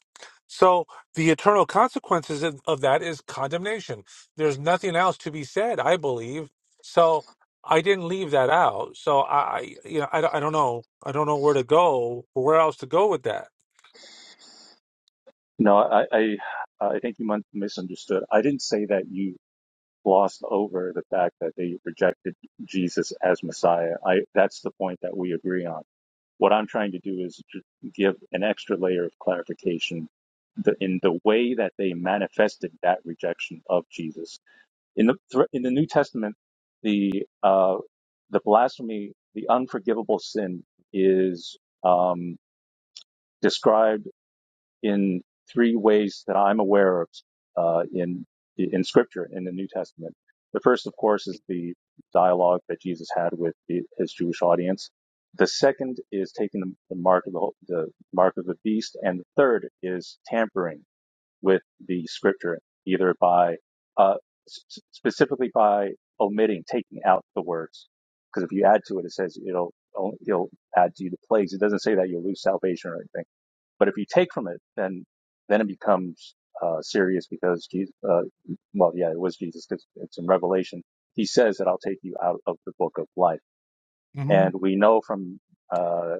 Speaker 7: So, the eternal consequences of of that is condemnation. There's nothing else to be said, I believe. So, I didn't leave that out. So, I, I you know, I, don't- I don't know. I don't know where to go, or where else to go with that.
Speaker 9: no, I, I, I think you misunderstood. I didn't say that you glossed over the fact that they rejected Jesus as Messiah. I, that's the point that we agree on. What I'm trying to do is to give an extra layer of clarification the, in the way that they manifested that rejection of Jesus In the thr- in the New Testament, the uh, the blasphemy, the unforgivable sin, is um, described in three ways that I'm aware of uh, in in Scripture in the New Testament. The first, of course, is the dialogue that Jesus had with the, his Jewish audience. The second is taking the the mark of the, whole- the mark of the beast, and the third is tampering with the scripture, either by uh, s- specifically by omitting, taking out the words. Because if you add to it, it says it'll it'll will add to you the plagues. It doesn't say that you'll lose salvation or anything. But if you take from it, then then it becomes uh, serious because Jesus, uh, well, yeah, it was Jesus because it's in Revelation. He says that I'll take you out of the book of life,
Speaker 7: hmm
Speaker 9: and we know from uh,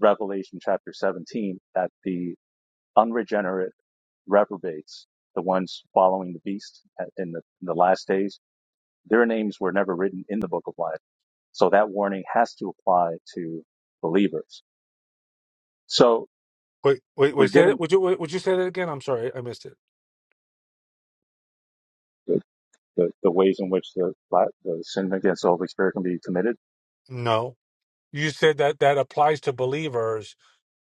Speaker 9: Revelation chapter 17 that the unregenerate reprobates, the ones following the beast in the, in the last days, their names were never written in the book of life. So that warning has to apply to believers. So
Speaker 7: Wait, wait, wait.
Speaker 9: we're
Speaker 7: Say that.
Speaker 9: given
Speaker 7: Would you would you say that again? I'm sorry, I missed it.
Speaker 9: the, the, the ways in which the, the sin against the Holy Spirit can be committed.
Speaker 7: No. You said that that applies to believers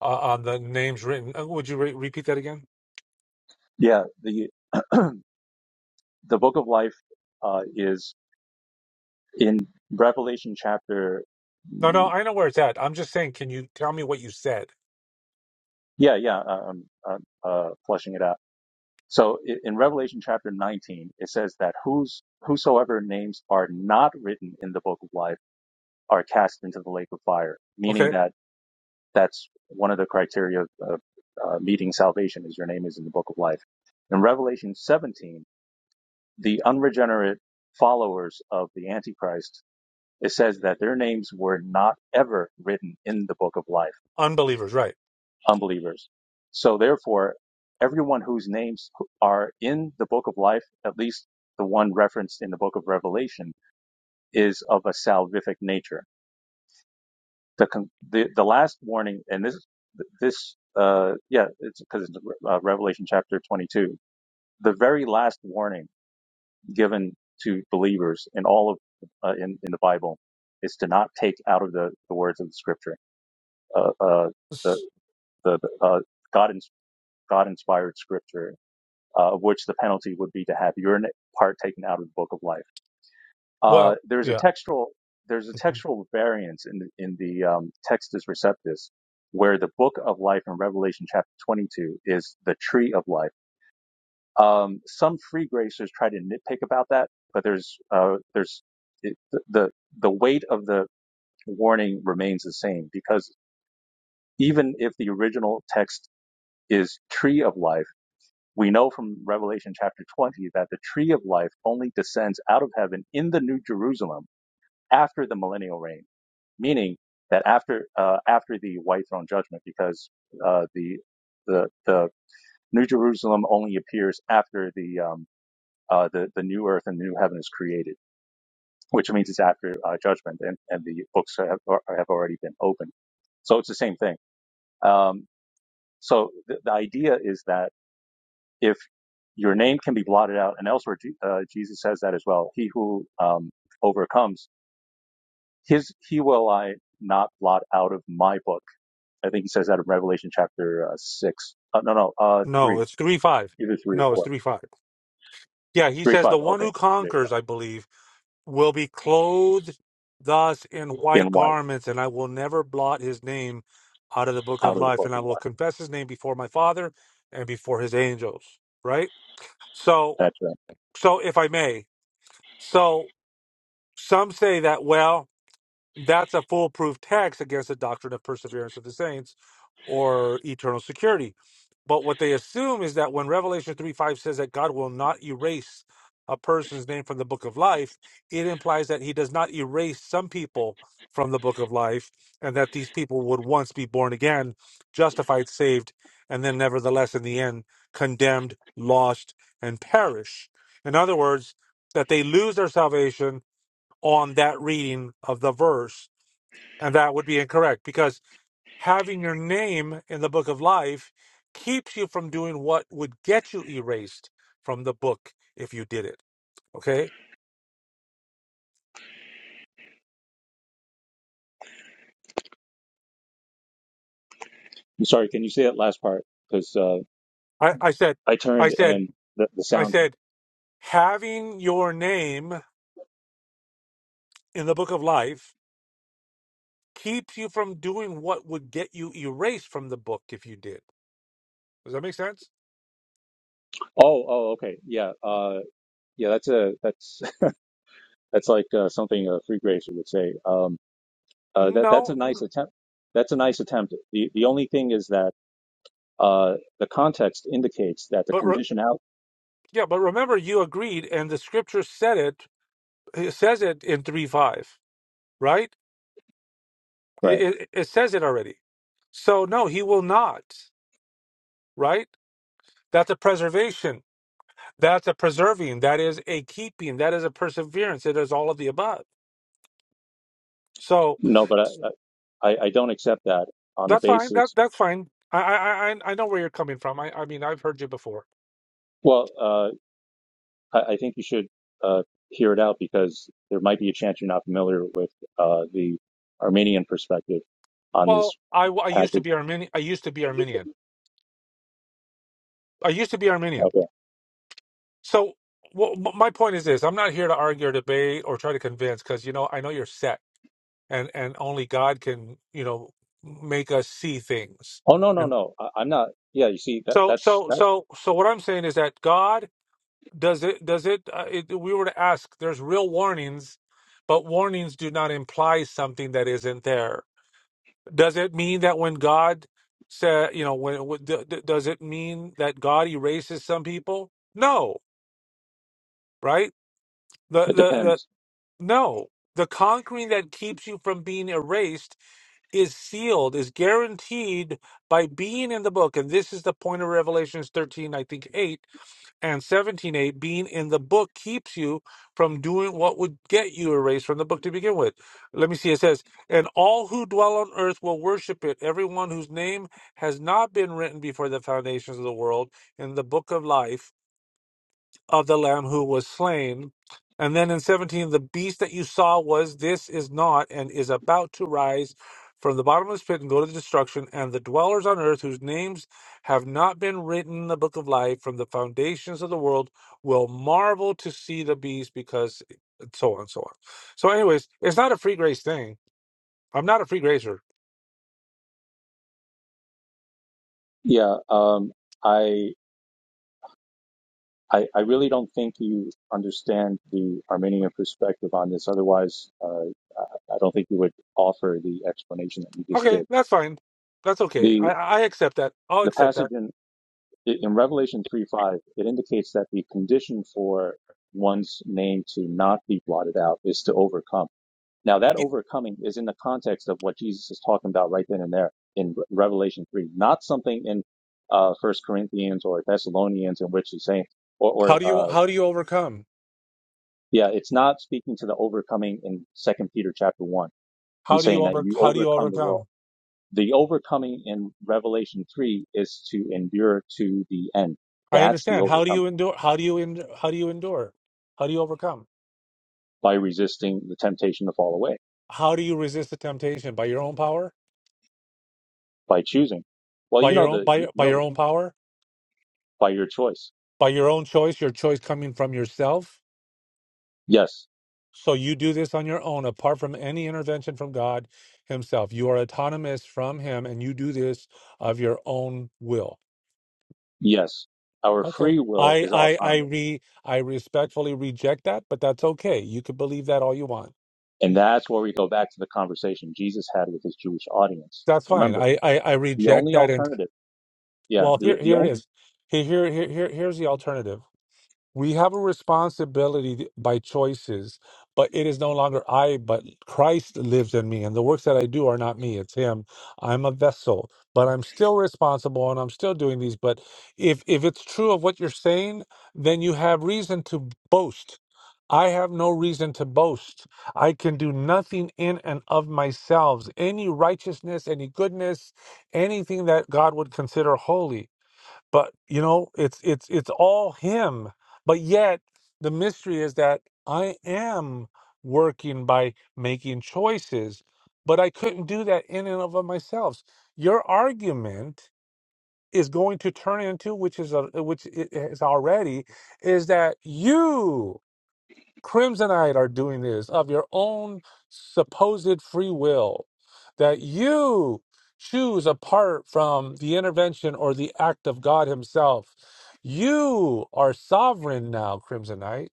Speaker 7: uh, on the names written. Uh, Would you re repeat that again?
Speaker 9: Yeah, the, the book of life uh, is in Revelation chapter.
Speaker 7: No, no,
Speaker 9: mm,
Speaker 7: I know where it's at. I'm just saying, can you tell me what you said?
Speaker 9: Yeah, yeah, I'm, I'm uh, flushing it out So i- in Revelation chapter 19, it says that whose whosoever names are not written in the book of life are cast into the lake of fire, meaning
Speaker 7: Okay,
Speaker 9: that that's one of the criteria of, of uh, meeting salvation is your name is in the book of life. In Revelation 17, the unregenerate followers of the Antichrist, it says that their names were not ever written in the book of life
Speaker 7: unbelievers, right?
Speaker 9: unbelievers. So therefore, everyone whose names are in the book of life, at least the one referenced in the book of Revelation, is of a salvific nature. The the, the last warning, and this this uh yeah, it's because it's uh, Revelation chapter 22. The very last warning given to believers in all of uh, in in the Bible is to not take out of the, the words of the Scripture. Uh, uh, the
Speaker 7: S-
Speaker 9: the the, uh, God ins- God inspired Scripture uh, of which the penalty would be to have your n- part taken out of the book of life. Uh,
Speaker 7: Well,
Speaker 9: there's a
Speaker 7: yeah.
Speaker 9: textual there's a textual variance in the, in the um, Textus Receptus, where the book of life in Revelation chapter 22 is the tree of life. Um, some free gracers try to nitpick about that, but there's uh, there's it, the the weight of the warning remains the same because even if the original text is tree of life We know from Revelation chapter 20 that the tree of life only descends out of heaven in the New Jerusalem after the millennial reign, meaning that after uh, after the white throne judgment, because uh, the the the New Jerusalem only appears after the um, uh, the the new earth and the new heaven is created, which means it's after uh, judgment, and, and the books have, have already been opened. So it's the same thing. Um, so the, the idea is that if your name can be blotted out, and elsewhere, uh, Jesus says that as well. He who um, overcomes, his he will I not blot out of my book. I think he says that in Revelation chapter uh, six. Uh, no, no, uh,
Speaker 7: No,
Speaker 9: three,
Speaker 7: it's three five.
Speaker 9: either three or
Speaker 7: No, it's
Speaker 9: four,
Speaker 7: three five. Yeah, he
Speaker 9: three
Speaker 7: says
Speaker 9: five.
Speaker 7: the one
Speaker 9: Okay,
Speaker 7: who
Speaker 9: there you
Speaker 7: conquers, I believe, will be clothed thus in
Speaker 9: go. In
Speaker 7: white
Speaker 9: white,
Speaker 7: garments, and I will never blot his name out of the book of
Speaker 9: out of the
Speaker 7: life,
Speaker 9: book
Speaker 7: and I
Speaker 9: of
Speaker 7: will
Speaker 9: life.
Speaker 7: confess his name before my Father and before his angels. Right? So,
Speaker 9: That's right.
Speaker 7: so if I may. So some say that, well, that's a foolproof text against the doctrine of perseverance of the saints or eternal security. But what they assume is that when Revelation 3 5 says that God will not erase a person's name from the book of life, it implies that he does not erase some people from the book of life and that these people would once be born again, justified, saved, and then nevertheless in the end condemned, lost, and perish. In other words, that they lose their salvation on that reading of the verse. And that would be incorrect because having your name in the book of life keeps you from doing what would get you erased from the book if you did it. Okay?
Speaker 9: I'm sorry. Can you say that last part? Because uh,
Speaker 7: I, I said,
Speaker 9: I
Speaker 7: I
Speaker 9: turned
Speaker 7: said,
Speaker 9: and the, the
Speaker 7: I
Speaker 9: sound.
Speaker 7: said, having your name in the book of life keeps you from doing what would get you erased from the book if you did. Does that make sense?
Speaker 9: Oh, oh, okay, yeah, uh, yeah. That's a that's that's like uh, something a free gracer would say. Um, Uh, that that's a
Speaker 7: No,
Speaker 9: nice attempt. That's a nice attempt. The the only thing is that uh, the context indicates that the
Speaker 7: but re-
Speaker 9: condition out
Speaker 7: yeah, but remember you agreed, and the scripture said it. It says it in three five. right? It,
Speaker 9: right.
Speaker 7: it, it says it already. So, no, he will not, right? That's a preservation. That's a preserving. That is a keeping. That is a perseverance. It is all of the above. So
Speaker 9: No, but I I, I don't accept that on the
Speaker 7: that's fine. That
Speaker 9: basis.
Speaker 7: that's fine. I I I I know where you're coming from. I I mean I've heard you before.
Speaker 9: Well, uh, I, I think you should uh, hear it out because there might be a chance you're not familiar with uh, the Armenian perspective on
Speaker 7: Well,
Speaker 9: this
Speaker 7: I I used to
Speaker 9: package.
Speaker 7: be Armenian. I used to be Armenian. I used to be Armenian.
Speaker 9: Okay.
Speaker 7: So well, my point is this: I'm not here to argue or debate or try to convince because you know I know you're set. and and only God can you know make us see things.
Speaker 9: Oh no no
Speaker 7: And
Speaker 9: no, I, I'm not. Yeah, you see that
Speaker 7: so
Speaker 9: that's
Speaker 7: so
Speaker 9: that.
Speaker 7: so so what I'm saying is that God does it does it, uh, it we were to ask there's real warnings but warnings do not imply something that isn't there does it mean that when god said you know when when- d- d- does it mean that god erases some people no right the,
Speaker 9: It
Speaker 7: the the
Speaker 9: depends.
Speaker 7: no the conquering that keeps you from being erased is sealed, is guaranteed by being in the book. And this is the point of Revelations 13, I think 8 and 17, 8. Being in the book keeps you from doing what would get you erased from the book to begin with. Let me see. It says, And all who dwell on earth will worship it, everyone whose name has not been written before the foundations of the world in the book of life of the lamb who was slain. And then in 17, the beast that you saw was this is not and is about to rise from the bottomless pit and go to the destruction, and the dwellers on earth whose names have not been written in the book of life from the foundations of the world will marvel to see the beast because and so on and so on. So, anyways, it's not a free grace thing. I'm not a free gracer.
Speaker 9: Yeah. Um. I I, I really don't think you understand the Armenian perspective on this. Otherwise, uh, I don't think you would offer the explanation that you just
Speaker 7: Okay,
Speaker 9: did.
Speaker 7: that's fine. That's okay.
Speaker 9: The
Speaker 7: I, I accept that. I'll
Speaker 9: the
Speaker 7: accept
Speaker 9: passage
Speaker 7: that.
Speaker 9: in in Revelation three five it indicates that the condition for one's name to not be blotted out is to overcome. Now that
Speaker 7: Y-
Speaker 9: overcoming is in the context of what Jesus is talking about right then and there in Re- Revelation three, not something in uh, First Corinthians or Thessalonians in which he's saying or, or
Speaker 7: How do you
Speaker 9: uh
Speaker 7: how do you overcome?
Speaker 9: Yeah, it's not speaking to the overcoming in Second Peter chapter one
Speaker 7: How
Speaker 9: and
Speaker 7: do you
Speaker 9: saying that
Speaker 7: over
Speaker 9: you
Speaker 7: how do you
Speaker 9: overcome the
Speaker 7: overcome?
Speaker 9: world. The overcoming in Revelation three is to endure to the end.
Speaker 7: I
Speaker 9: That's the
Speaker 7: understand. How do
Speaker 9: overcoming
Speaker 7: you endure? How do you en- how do you endure? How do you overcome?
Speaker 9: by resisting the temptation to fall away
Speaker 7: How do you resist the temptation by your own power?
Speaker 9: by choosing. Well,
Speaker 7: By
Speaker 9: you
Speaker 7: your
Speaker 9: know
Speaker 7: own
Speaker 9: the
Speaker 7: by
Speaker 9: you
Speaker 7: by
Speaker 9: know
Speaker 7: your
Speaker 9: the,
Speaker 7: own power?
Speaker 9: by your choice.
Speaker 7: By your own choice, your choice coming from yourself.
Speaker 9: Yes,
Speaker 7: So you do this on your own apart from any intervention from God himself. You are autonomous from him and you do this of your own will.
Speaker 9: yes. Our
Speaker 7: Okay.
Speaker 9: free will
Speaker 7: I
Speaker 9: is
Speaker 7: I I
Speaker 9: autonomous,
Speaker 7: re I respectfully reject that, but that's okay. You could believe that all you want.
Speaker 9: and that's where we go back to the conversation Jesus had with his Jewish audience.
Speaker 7: That's fine.
Speaker 9: Remember,
Speaker 7: I I, I
Speaker 9: the
Speaker 7: reject
Speaker 9: only
Speaker 7: that
Speaker 9: alternative. Yeah,
Speaker 7: Well,
Speaker 9: the
Speaker 7: here
Speaker 9: the
Speaker 7: here it
Speaker 9: only
Speaker 7: is. Here, here here here here's the alternative. We have a responsibility by choices, but it is no longer I, but Christ lives in me, and the works that I do are not me; it's Him. I'm a vessel, but I'm still responsible, and I'm still doing these. But if if it's true of what you're saying, then you have reason to boast. I have no reason to boast. I can do nothing in and of myself. Any righteousness, any goodness, anything that God would consider holy but you know it's it's it's all him but yet the mystery is that i am working by making choices but i couldn't do that in and of myself your argument is going to turn into which is a which i- is already is that you Crimsonite are doing this of your own supposed free will, that you choose apart from the intervention or the act of God Himself. You are sovereign now, Crimsonite.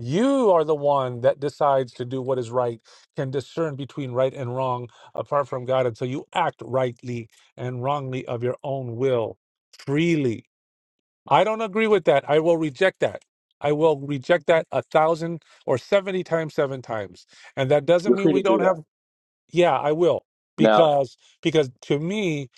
Speaker 7: You are the one that decides to do what is right, can discern between right and wrong apart from God. And so you act rightly and wrongly of your own will freely. I don't agree with that. I will reject that. I will reject that a thousand or 70 times, seven times. And that doesn't
Speaker 9: you're
Speaker 7: mean
Speaker 9: free to
Speaker 7: we
Speaker 9: do
Speaker 7: don't have
Speaker 9: that
Speaker 7: yeah, I will.
Speaker 9: now.
Speaker 7: Because because to me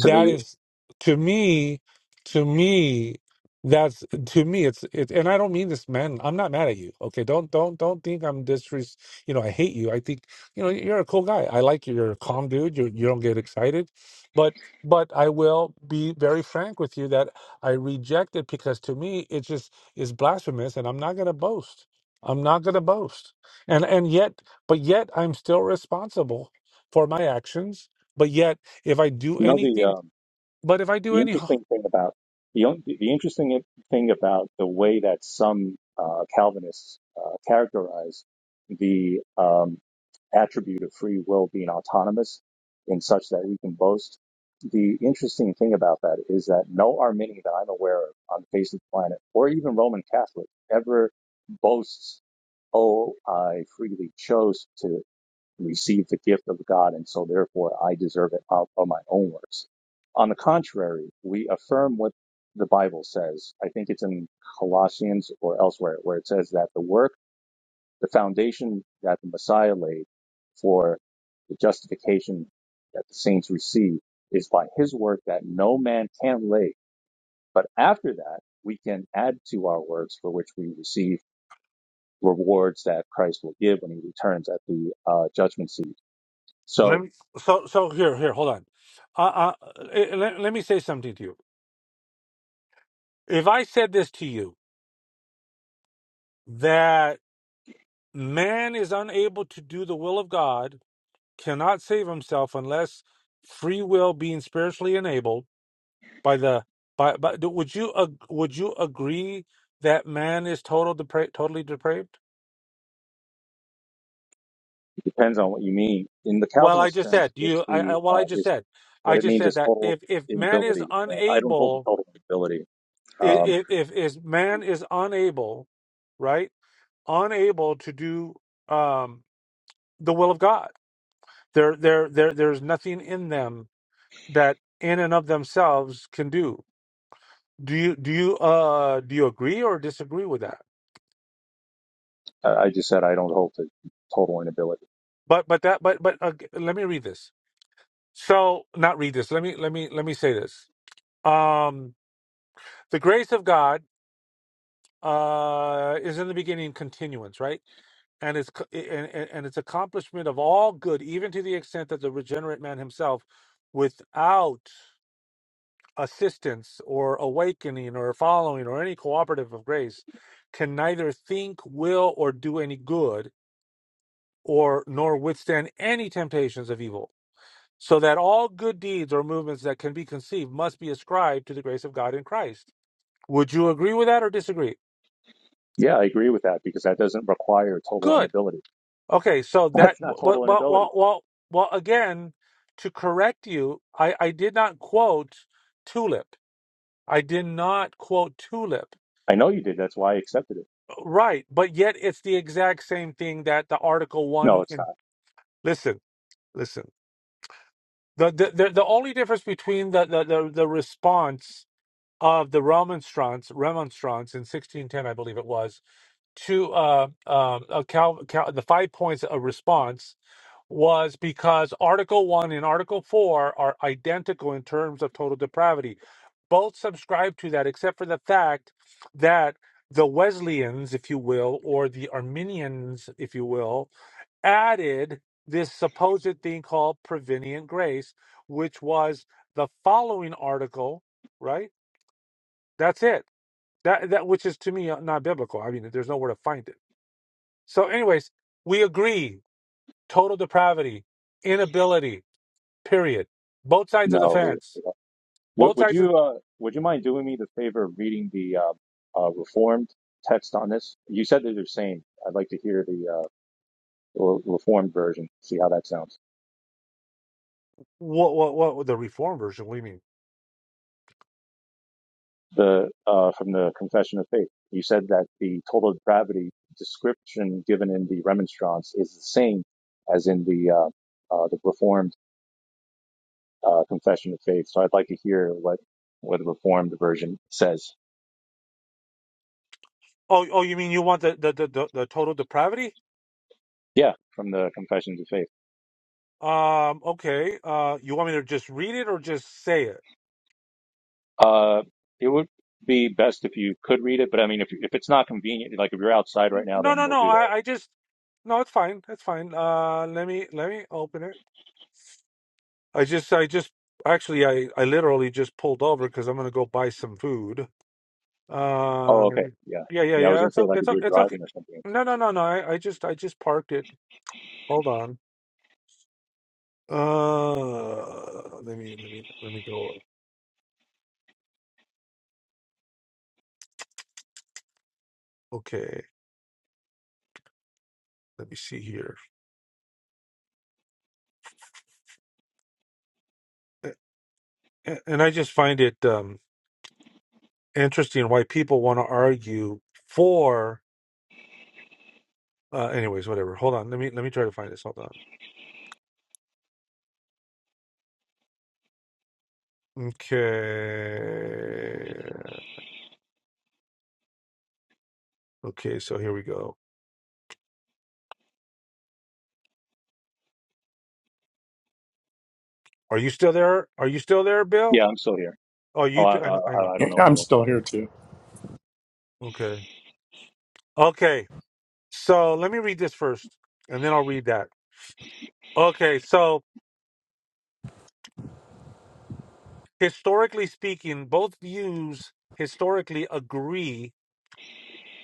Speaker 9: To the
Speaker 7: is to me to me that's to me it's it and I don't mean this man I'm not mad at you. Okay, don't don't don't think I'm disres you know, I hate you. I think you know you're a cool guy. I like you. You're a calm dude. You you don't get excited. But but I will be very frank with you that I reject it because to me it just is blasphemous and I'm not going to boast. I'm not going to boast. And and yet but yet I'm still responsible for my actions. But yet, if I do
Speaker 9: You know the
Speaker 7: anything,
Speaker 9: um,
Speaker 7: but if I do
Speaker 9: the
Speaker 7: any,
Speaker 9: interesting thing about the only, the interesting thing about the way that some uh, Calvinists uh, characterize the um, attribute of free will being autonomous, in such that we can boast. The interesting thing about that is that no Arminian that I'm aware of on the face of the planet, or even Roman Catholic, ever boasts, "Oh, I freely chose to." received the gift of God, and so therefore I deserve it out of my own works. On the contrary, we affirm what the Bible says. I think it's in Colossians or elsewhere where it says that the work, the foundation that the Messiah laid for the justification that the saints receive is by his work that no man can lay. But after that, we can add to our works for which we receive rewards that Christ will give when he returns at the uh, judgment seat. So
Speaker 7: let me. So, so here, here, hold on. Uh, uh, eh, eh, let, let me say something to you. If I said this to you that man is unable to do the will of God, cannot save himself unless free will being spiritually enabled by the by, by would you ag- would you agree that man is total depra- totally depraved?
Speaker 9: Depends on what you mean. In the
Speaker 7: Well, I
Speaker 9: Calvinist
Speaker 7: just said
Speaker 9: sense,
Speaker 7: you.
Speaker 9: it's
Speaker 7: I,
Speaker 9: the
Speaker 7: I well,
Speaker 9: uh,
Speaker 7: I just
Speaker 9: is
Speaker 7: said, I
Speaker 9: what it
Speaker 7: just
Speaker 9: means
Speaker 7: said
Speaker 9: is
Speaker 7: that
Speaker 9: total
Speaker 7: if if man is
Speaker 9: inability. Uh, I don't hold to
Speaker 7: unable,
Speaker 9: total inability.
Speaker 7: if
Speaker 9: Um,
Speaker 7: if, if man is unable, right, unable to do um the will of God, there there there there's nothing in them that in and of themselves can do. Do you do you uh do you agree or disagree with that?
Speaker 9: I I just said I don't hold to total inability.
Speaker 7: But but that but but uh, let me read this. So not read this. Let me let me let me say this. Um, the grace of God. uh is in the beginning continuance right and it's co- and, and and its accomplishment of all good even to the extent that the regenerate man himself without assistance or awakening or following or any cooperative of grace can neither think will or do any good or nor withstand any temptations of evil so that all good deeds or movements that can be conceived must be ascribed to the grace of god in christ would you agree with that or disagree
Speaker 9: Yeah, I agree with that because that doesn't require total
Speaker 7: good
Speaker 9: inability.
Speaker 7: Okay, so that
Speaker 9: That's not
Speaker 7: well,
Speaker 9: total
Speaker 7: well,
Speaker 9: inability.
Speaker 7: well, well, well again, to correct you, I, I did not quote Tulip. I did not quote Tulip.
Speaker 9: I know you did. That's why I accepted it.
Speaker 7: Right, but yet it's the exact same thing that the Article
Speaker 9: No,
Speaker 7: One
Speaker 9: it's
Speaker 7: in.
Speaker 9: not.
Speaker 7: Listen, listen. The the the, the only difference between the, the the the response of the remonstrance remonstrance in 1610, I believe it was, to uh um a Cal, Cal the five points of response was because Article 1 and Article 4 are identical in terms of total depravity. Both subscribe to that, except for the fact that the Wesleyans, if you will, or the Arminians, if you will, added this supposed thing called prevenient grace, which was the following article, right? That's it. That, that which is to me uh, not biblical. I mean, there's nowhere to find it. So, anyways, we agree total depravity, inability, Period. Both sides of the
Speaker 9: No. we-
Speaker 7: fence.
Speaker 9: we Would,
Speaker 7: Both
Speaker 9: would
Speaker 7: sides of
Speaker 9: you uh, would you mind doing me the favor of reading the uh, uh, Reformed text on this? You said they're the same. I'd like to hear the uh, Reformed version. See how that sounds.
Speaker 7: what? What? What? The reform version? What do you mean?
Speaker 9: the uh, from the Confession of Faith. You said that the total depravity description given in the Remonstrance is the same as in the uh, uh, the Reformed uh, Confession of Faith. So I'd like to hear what what the Reformed version says.
Speaker 7: Oh, oh, you mean you want the the the, the, the total depravity?
Speaker 9: Yeah, from the Confessions of Faith.
Speaker 7: Um. Okay. Uh. You want me to just read it or just say it?
Speaker 9: Uh, it would be best if you could read it, but I mean, if if it's not convenient, like if you're outside
Speaker 7: N-
Speaker 9: right now,
Speaker 7: No,
Speaker 9: then
Speaker 7: no,
Speaker 9: we'll
Speaker 7: no.
Speaker 9: do that.
Speaker 7: I I just no. It's fine. It's fine. Uh. Let me let me open it. I just I just actually I I literally just pulled over because I'm gonna go buy some food. Uh.
Speaker 9: Oh,
Speaker 7: let
Speaker 9: okay.
Speaker 7: me-
Speaker 9: Yeah,
Speaker 7: Yeah. Yeah.
Speaker 9: yeah. I was
Speaker 7: Yeah.
Speaker 9: gonna
Speaker 7: It's
Speaker 9: say
Speaker 7: o-
Speaker 9: like
Speaker 7: it's
Speaker 9: if
Speaker 7: o-
Speaker 9: you're
Speaker 7: it's okay.
Speaker 9: driving or something.
Speaker 7: No, no, no, no. I, I just I just parked it. Hold on. Uh, let me let me let me go. Okay, let me see here. A- a- And I just find it um interesting why people want to argue for. Uh, anyways, whatever. Hold on. Let me let me try to find this. Hold on. Okay. Okay. So here we go. Are you still there? Are you still there, Bill?
Speaker 9: Yeah, I'm still here.
Speaker 7: Oh,
Speaker 9: Oh,
Speaker 7: you.
Speaker 9: I,
Speaker 7: Too? I
Speaker 9: uh,
Speaker 7: know. I know.
Speaker 9: I I
Speaker 1: Yeah,
Speaker 9: don't know,
Speaker 1: I'm
Speaker 9: Bill.
Speaker 1: still here too.
Speaker 7: Okay. Okay. So let me read this first, and then I'll read that. Okay. So historically speaking, both views historically agree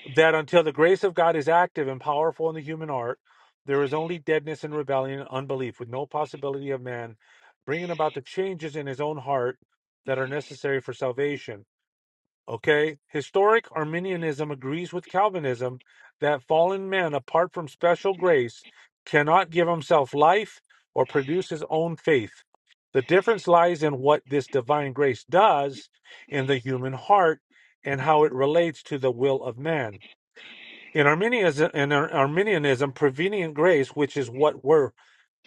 Speaker 7: that until the grace of God is active and powerful in the human heart, there is only deadness and rebellion and unbelief, with no possibility of man bringing about the changes in his own heart that are necessary for salvation. Okay, historic Arminianism agrees with Calvinism that fallen man, apart from special grace, cannot give himself life or produce his own faith. The difference lies in what this divine grace does in the human heart and how it relates to the will of man. In Arminianism, in Ar- Arminianism prevenient grace, which is what we're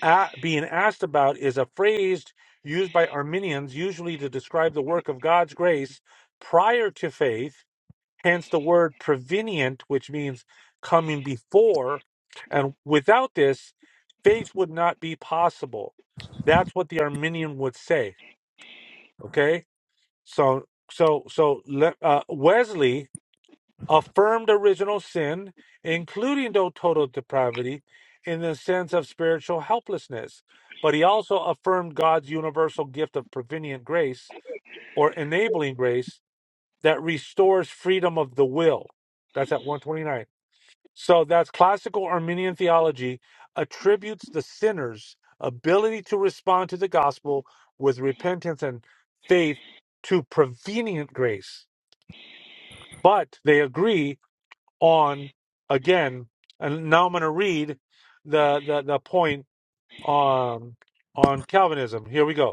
Speaker 7: at, being asked about, is a phrase used by Arminians usually to describe the work of God's grace prior to faith Hence the word prevenient, which means coming before. And without this, faith would not be possible. That's what the Arminian would say. Okay. So, so, so le- uh, Wesley affirmed original sin, including though total depravity, in the sense of spiritual helplessness. But he also affirmed God's universal gift of prevenient grace or enabling grace that restores freedom of the will. That's at 129 so that's classical Arminian theology attributes the sinner's ability to respond to the gospel with repentance and faith to prevenient grace. But they agree on again, and now I'm going to read the the, the point um, on Calvinism. Here we go.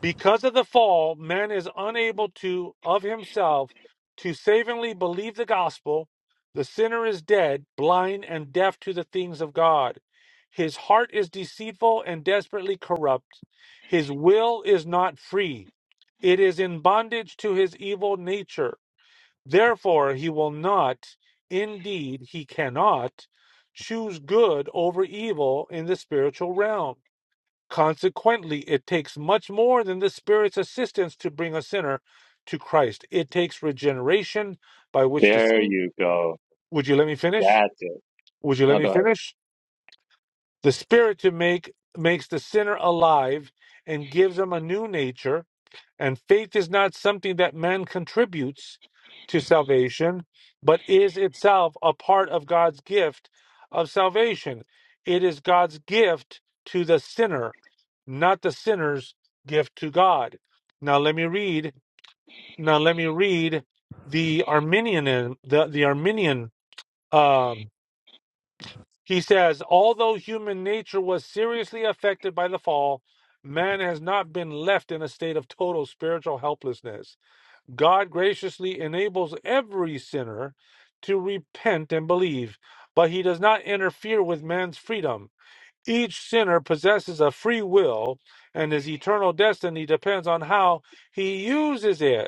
Speaker 7: Because of the fall, man is unable to, of himself, to savingly believe the gospel. The sinner is dead, blind, and deaf to the things of God. His heart is deceitful and desperately corrupt. His will is not free, it is in bondage to his evil nature. Therefore, he will not, indeed, he cannot, choose good over evil in the spiritual realm. Consequently, it takes much more than the Spirit's assistance to bring a sinner to Christ. It takes regeneration by which
Speaker 9: There
Speaker 7: the
Speaker 9: you go.
Speaker 7: Would you let me finish?
Speaker 9: That's it.
Speaker 7: Would you let
Speaker 9: No,
Speaker 7: me
Speaker 9: go ahead.
Speaker 7: finish? The Spirit to make makes the sinner alive and gives him a new nature and faith is not something that man contributes to salvation, but is itself a part of God's gift of salvation. It is God's gift to the sinner, not the sinner's gift to God. Now let me read. Now let me read the Arminian. The the Arminian. Um, he says, although human nature was seriously affected by the fall, man has not been left in a state of total spiritual helplessness God graciously enables every sinner to repent and believe, but he does not interfere with man's freedom. Each sinner possesses a free will, and his eternal destiny depends on how he uses it.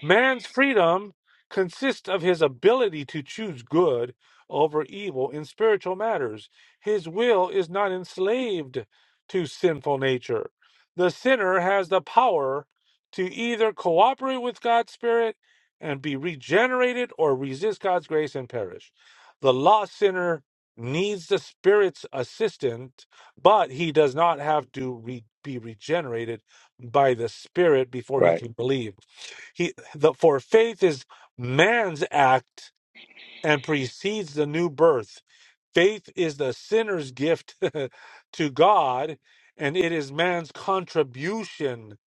Speaker 7: Man's freedom consists of his ability to choose good over evil in spiritual matters. His will is not enslaved to sinful nature. The sinner has the power to either cooperate with God's Spirit and be regenerated or resist God's grace and perish. The lost sinner needs the Spirit's assistance, but he does not have to re- be regenerated by the Spirit before he
Speaker 9: Right,
Speaker 7: can believe. He, the, for faith is man's act and precedes the new birth. Faith is the sinner's gift to God, and it is man's contribution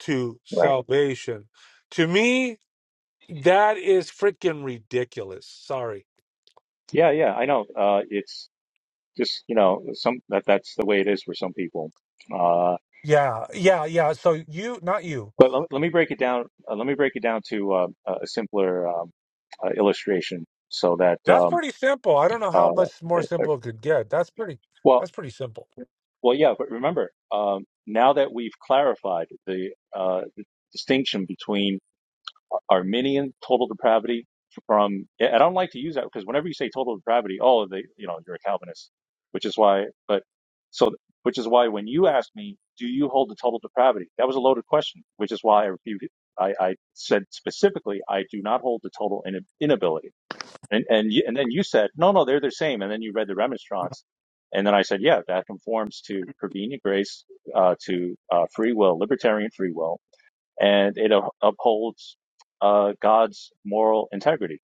Speaker 7: to
Speaker 9: right.
Speaker 7: salvation. To me, that is freaking ridiculous. Sorry.
Speaker 9: Yeah, yeah. I know. Uh, it's just you know some that that's the way it is for some people. Uh,
Speaker 7: Yeah, yeah, yeah. So you, not you.
Speaker 9: but let, let me break it down. Uh, let me break it down to uh, a simpler um, uh, illustration so that
Speaker 7: That's
Speaker 9: um,
Speaker 7: pretty simple. I don't know how
Speaker 9: uh,
Speaker 7: much more
Speaker 9: uh, uh,
Speaker 7: simple it could get. That's pretty.
Speaker 9: well,
Speaker 7: That's pretty simple.
Speaker 9: well, yeah. But remember, um, now that we've clarified the uh, distinction between Arminian total depravity from, I don't like to use that because whenever you say total depravity, oh, they, you know, you're a Calvinist, which is why, but so, which is why when you asked me, do you hold to total depravity? That was a loaded question, which is why I repeated, I, I said specifically, I do not hold to total in, inability. And, and, you, and then you said, no, no, they're the same. And then you read the remonstrance. And then I said, yeah, that conforms to prevenient grace, uh, to uh, free will, libertarian free will and it upholds uh, God's moral integrity.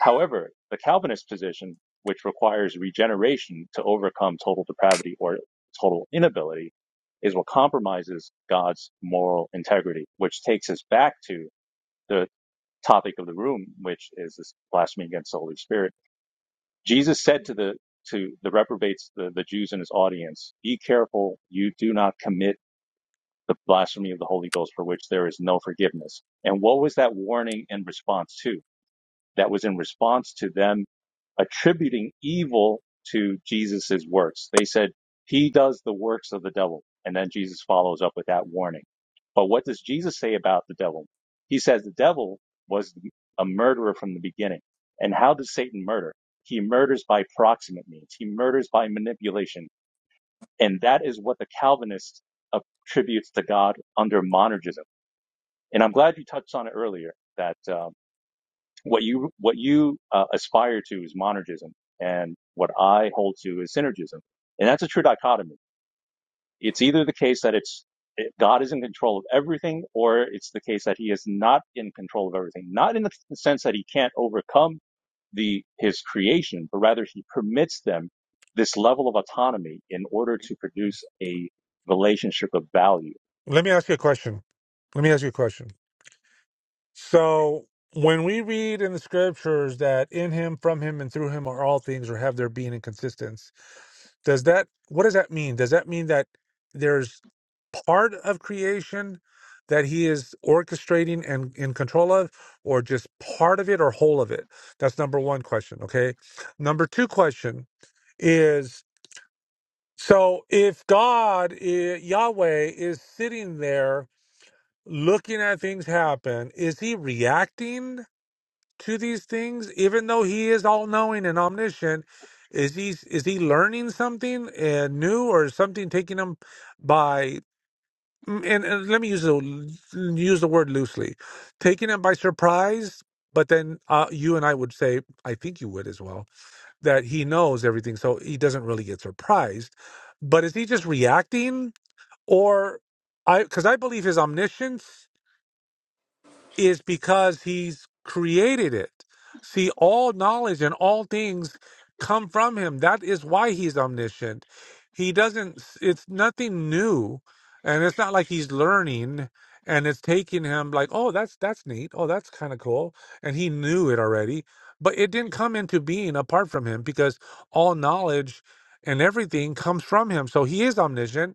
Speaker 9: However, the Calvinist position, which requires regeneration to overcome total depravity or total inability, is what compromises God's moral integrity, which takes us back to the topic of the room, which is this blasphemy against the Holy Spirit. Jesus said to the to the reprobates, the, the Jews in his audience, be careful you do not commit the blasphemy of the Holy Ghost for which there is no forgiveness. And what was that warning in response to? That was in response to them attributing evil to Jesus's works. They said, he does the works of the devil. And then Jesus follows up with that warning. But what does Jesus say about the devil? He says the devil was a murderer from the beginning. And how does Satan murder? He murders by proximate means. He murders by manipulation and that is what the Calvinist attributes to God under monergism. And I'm glad you touched on it earlier that um, what you what you uh, aspire to is monergism, and what I hold to is synergism. And that's a true dichotomy. It's either the case that it's it, God is in control of everything, or it's the case that He is not in control of everything. Not in the sense that He can't overcome the his creation, but rather he permits them this level of autonomy in order to produce a relationship of value.
Speaker 7: Let me ask you a question. Let me ask you a question. So when we read in the scriptures that in him, from him, and through him are all things, or have their being and consistence, does that what does that mean? Does that mean that there's part of creation that he is orchestrating and in control of, or just part of it or whole of it? That's number one question. Okay. Number two question is so if God, i- Yahweh, is sitting there looking at things happen, is he reacting? to these things, even though he is all knowing and omniscient? Is he is he learning something uh, new, or is something taking him by? mm, And, and let me use the use the word loosely, taking him by surprise. But then uh, you and I would say, I think you would as well, that he knows everything, so he doesn't really get surprised. But is he just reacting, or I? Because I believe his omniscience is because he's created it. See, all knowledge and all things come from him. That is why he's omniscient. He doesn't, it's nothing new. And it's not like he's learning and it's taking him like, oh, that's, that's neat. Oh, that's kind of cool. And he knew it already, but it didn't come into being apart from him because all knowledge and everything comes from him. So he is omniscient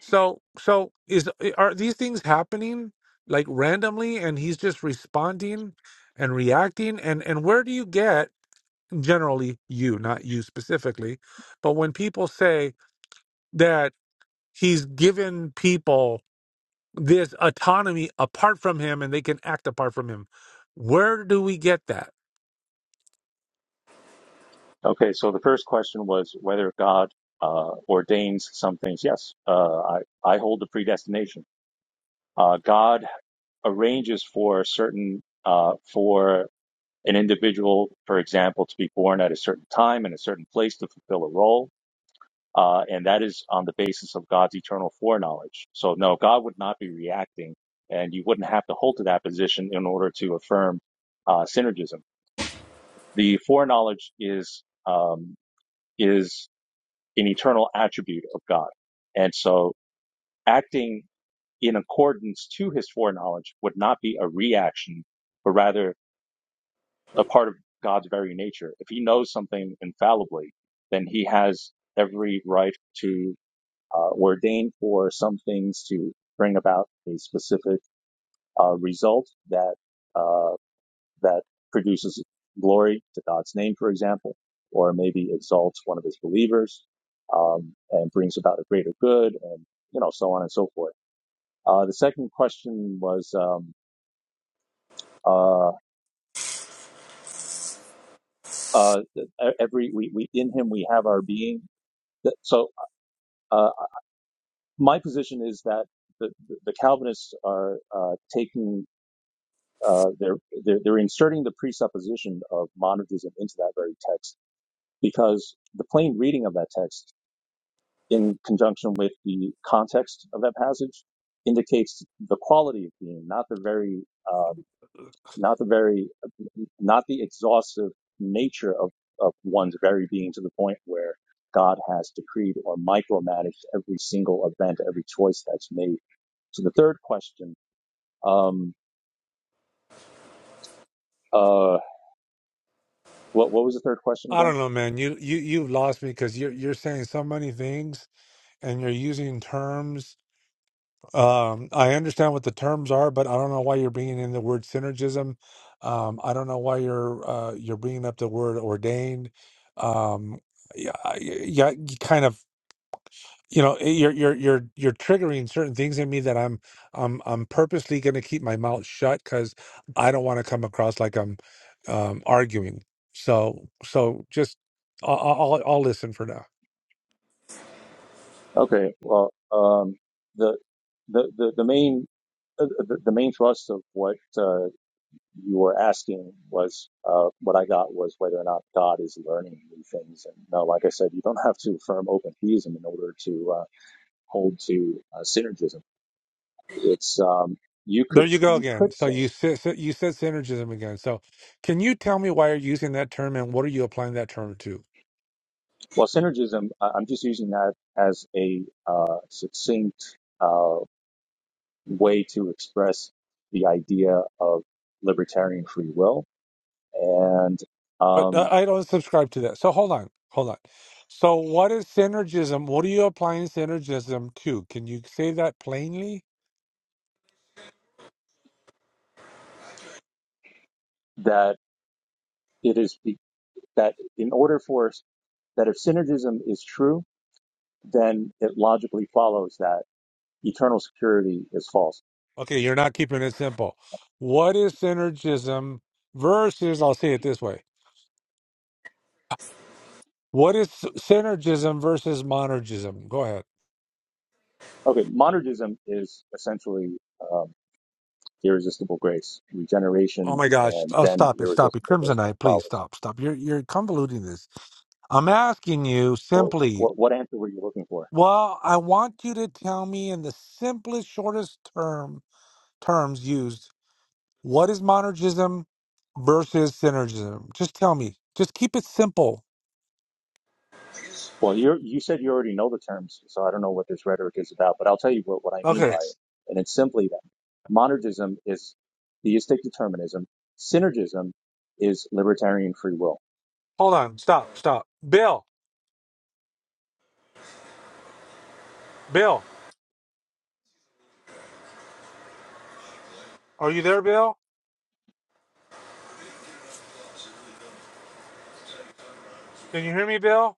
Speaker 7: so, so is eh, are these things happening like randomly, and he's just responding and reacting? And and where do you get generally you, not you specifically, but when people say that he's given people this autonomy apart from him and they can act apart from him, where do we get that?
Speaker 9: Okay, so the first question was whether God uh, ordains some things. Yes, uh, I I hold the predestination. Uh, God arranges for certain uh, for an individual, for example, to be born at a certain time in a certain place to fulfill a role uh, and that is on the basis of God's eternal foreknowledge. So, no, God would not be reacting, and you wouldn't have to hold to that position in order to affirm uh, synergism. The foreknowledge is um, is an eternal attribute of God, and so acting in accordance to His foreknowledge would not be a reaction, but rather a part of God's very nature. If He knows something infallibly, then He has every right to. uh, ordained for some things to bring about a specific uh, result that uh, that produces glory to God's name, for example, or maybe exalts one of His believers um, and brings about a greater good, and you know so on and so forth. Uh, the second question was um, uh, uh, e- every we, we in Him we have our being. So uh, my position is that the, the Calvinists are uh, taking uh, they're, they're they're inserting the presupposition of monergism into that very text because the plain reading of that text in conjunction with the context of that passage indicates the quality of being not the very um, not the very not the exhaustive nature of of one's very being to the point where God has decreed or micromanaged every single event, every choice that's made. So the third question, um, uh, what, what was the third question
Speaker 7: I
Speaker 9: again?
Speaker 7: don't know, man. You you you've lost me because you're you're saying so many things and you're using terms Um, I understand what the terms are, but I don't know why you're bringing in the word synergism. Um, I don't know why you're uh, you're bringing up the word ordained. Um, yeah, I- yeah, you kind of you know eh, you're you're you're you're triggering certain things in me that i'm i'm i'm purposely going to keep my mouth shut because i don't want to come across like i'm um arguing so so just i'll i'll, I'll I'll listen for now
Speaker 9: Okay. Well, um, the, the, the, the main, uh, the, the main thrust of what, uh, you were asking was, uh, what I got was whether or not God is learning new things. And now, like I said, you don't have to affirm open theism in order to, uh, hold to, uh, synergism. It's, um, you
Speaker 7: there
Speaker 9: could,
Speaker 7: you go
Speaker 9: you
Speaker 7: again
Speaker 9: could
Speaker 7: so
Speaker 9: say,
Speaker 7: you said you said synergism again so can you tell me why you're using that term and what are you applying that term to
Speaker 9: well, synergism, I- I'm just using that as a, uh, succinct, uh, way to express the idea of libertarian free will and
Speaker 7: But uh,
Speaker 9: um,
Speaker 7: I don't subscribe to that. So hold on, hold on. So what is synergism? What are you applying synergism to? Can you say that plainly?
Speaker 9: that it is be- that in order for us that if synergism is true, then it logically follows that eternal security is false.
Speaker 7: Okay, you're not keeping it simple. What is synergism versus? I'll say it this way. What is s- synergism versus monergism? Go ahead.
Speaker 9: Okay, monergism is essentially um, irresistible grace,
Speaker 7: Oh
Speaker 9: regeneration,
Speaker 7: my gosh!
Speaker 9: and
Speaker 7: Oh,
Speaker 9: then
Speaker 7: stop it! Stop it!
Speaker 9: irresistible grace that
Speaker 7: Crimsonite, please
Speaker 9: follows.
Speaker 7: stop! Stop! You're you're convoluting this. I'm asking you
Speaker 9: Well,
Speaker 7: simply.
Speaker 9: what, what answer were you looking for?
Speaker 7: Well, I want you to tell me in the simplest, shortest term terms used what is monergism versus synergism. Just tell me. Just keep it simple.
Speaker 9: Well, you you said you already know the terms, so I don't know what this rhetoric is about, but I'll tell you what, what I mean
Speaker 7: Okay.
Speaker 9: by it. And it's simply that monergism is theistic determinism, synergism is libertarian free will.
Speaker 7: Hold on. Stop. Stop. Bill. Bill. Are you there, Bill? Can you hear me, Bill?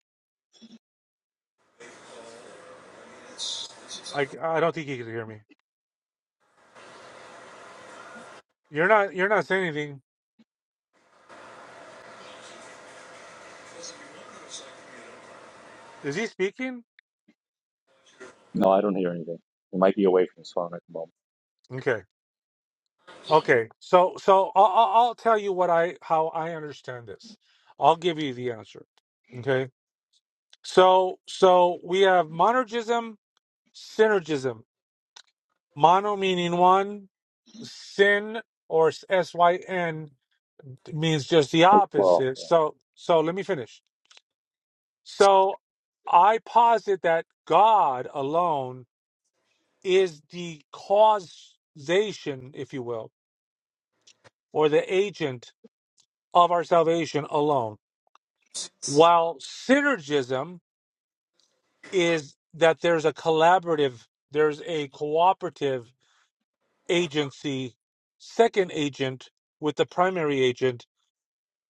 Speaker 7: I I don't think he can hear me. You're not. You're not saying anything. Is he speaking?
Speaker 9: No, I don't hear anything. You might be away from his phone at the moment.
Speaker 7: Okay. Okay, so so I'll, I'll I'll tell you what I how I understand this. I'll give you the answer. Okay, so so we have monergism, synergism. Mono meaning one, sin or s y n means just the
Speaker 9: It's plural.
Speaker 7: opposite. So so let me finish. So I posit that God alone is the causation, if you will, or the agent of our salvation alone While synergism is that there's a collaborative, there's a cooperative agency, second agent with the primary agent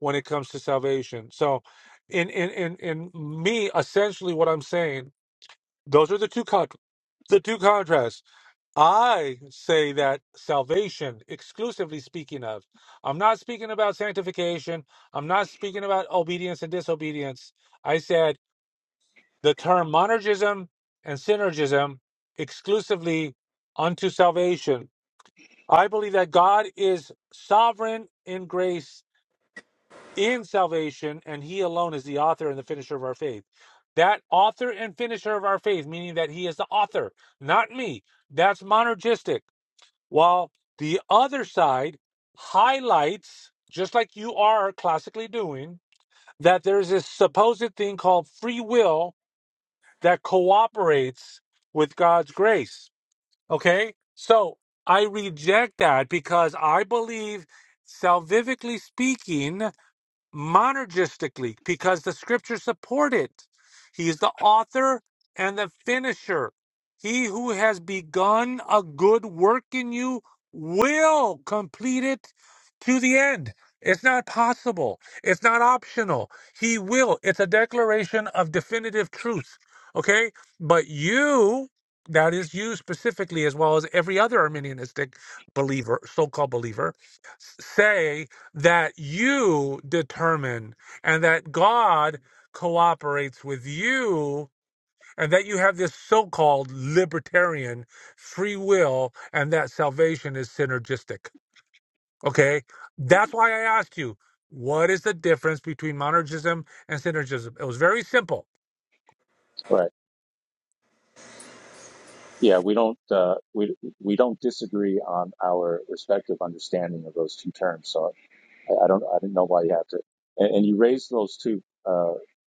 Speaker 7: when it comes to salvation. So, in in in, in me, essentially, what I'm saying, those are the two con- the two contrasts. I say that salvation, exclusively speaking of, I'm not speaking about sanctification. I'm not speaking about obedience and disobedience. I said. the term monergism and synergism exclusively unto salvation. I believe that God is sovereign in grace in salvation, and He alone is the author and the finisher of our faith. That author and finisher of our faith, meaning that He is the author, not me. That's monergistic. While the other side highlights, just like you are classically doing, that there's this supposed thing called free will that cooperates with God's grace. Okay? So I reject that because I believe, salvifically speaking, monergistically because the scriptures support it. He is the author and the finisher. He who has begun a good work in you will complete it to the end. It's not possible. It's not optional. He will. It's a declaration of definitive truth. Okay? But you, that is you specifically, as well as every other Arminianistic believer, so called believer, say that you determine and that God cooperates with you and that you have this so called libertarian free will and that salvation is synergistic. Okay? That's why I asked you, what is the difference between monergism and synergism? It was very simple.
Speaker 9: Right. Yeah, we don't uh, we we don't disagree on our respective understanding of those two terms. So I, I don't I didn't know why you have to. And, and you raised those two. uh,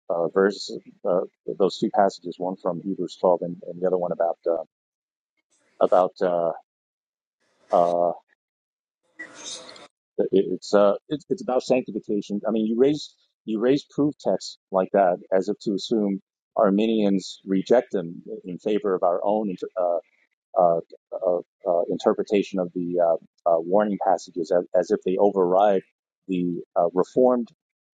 Speaker 9: uh, verse, uh, those two passages, one from Hebrews 12 and, and the other one about, uh, about, uh, uh, it, it's, uh, it's it's about sanctification. I mean, you raise, you raise proof texts like that as if to assume Arminians reject them in favor of our own, uh, uh, uh, uh, interpretation of the uh, uh, warning passages as, as if they override the uh, reformed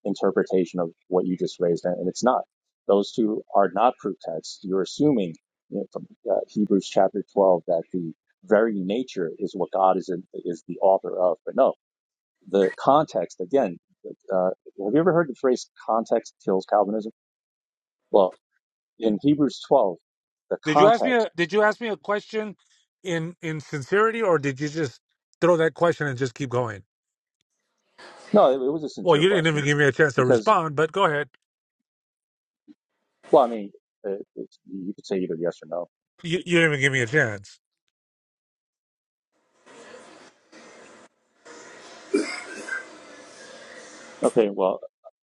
Speaker 9: interpretation of what you just raised, and, it's not. Those two are not proof texts. You're assuming you know, from uh, Hebrews chapter 12 that the very nature is what God is in, is the author of, but no, the context again. Uh, have you ever heard the phrase "context kills Calvinism"? Well, in Hebrews 12, the
Speaker 7: Did you ask me
Speaker 9: context.
Speaker 7: a did you ask me a question in in sincerity or did you just throw that question and just keep going?
Speaker 9: No, it, it was a
Speaker 7: Well,
Speaker 9: sincere
Speaker 7: you didn't even
Speaker 9: question
Speaker 7: give me a chance to
Speaker 9: because
Speaker 7: respond, but go ahead.
Speaker 9: Well, I mean, uh, it's, you could say either yes or no.
Speaker 7: You, you didn't even give me a chance.
Speaker 9: Okay, well,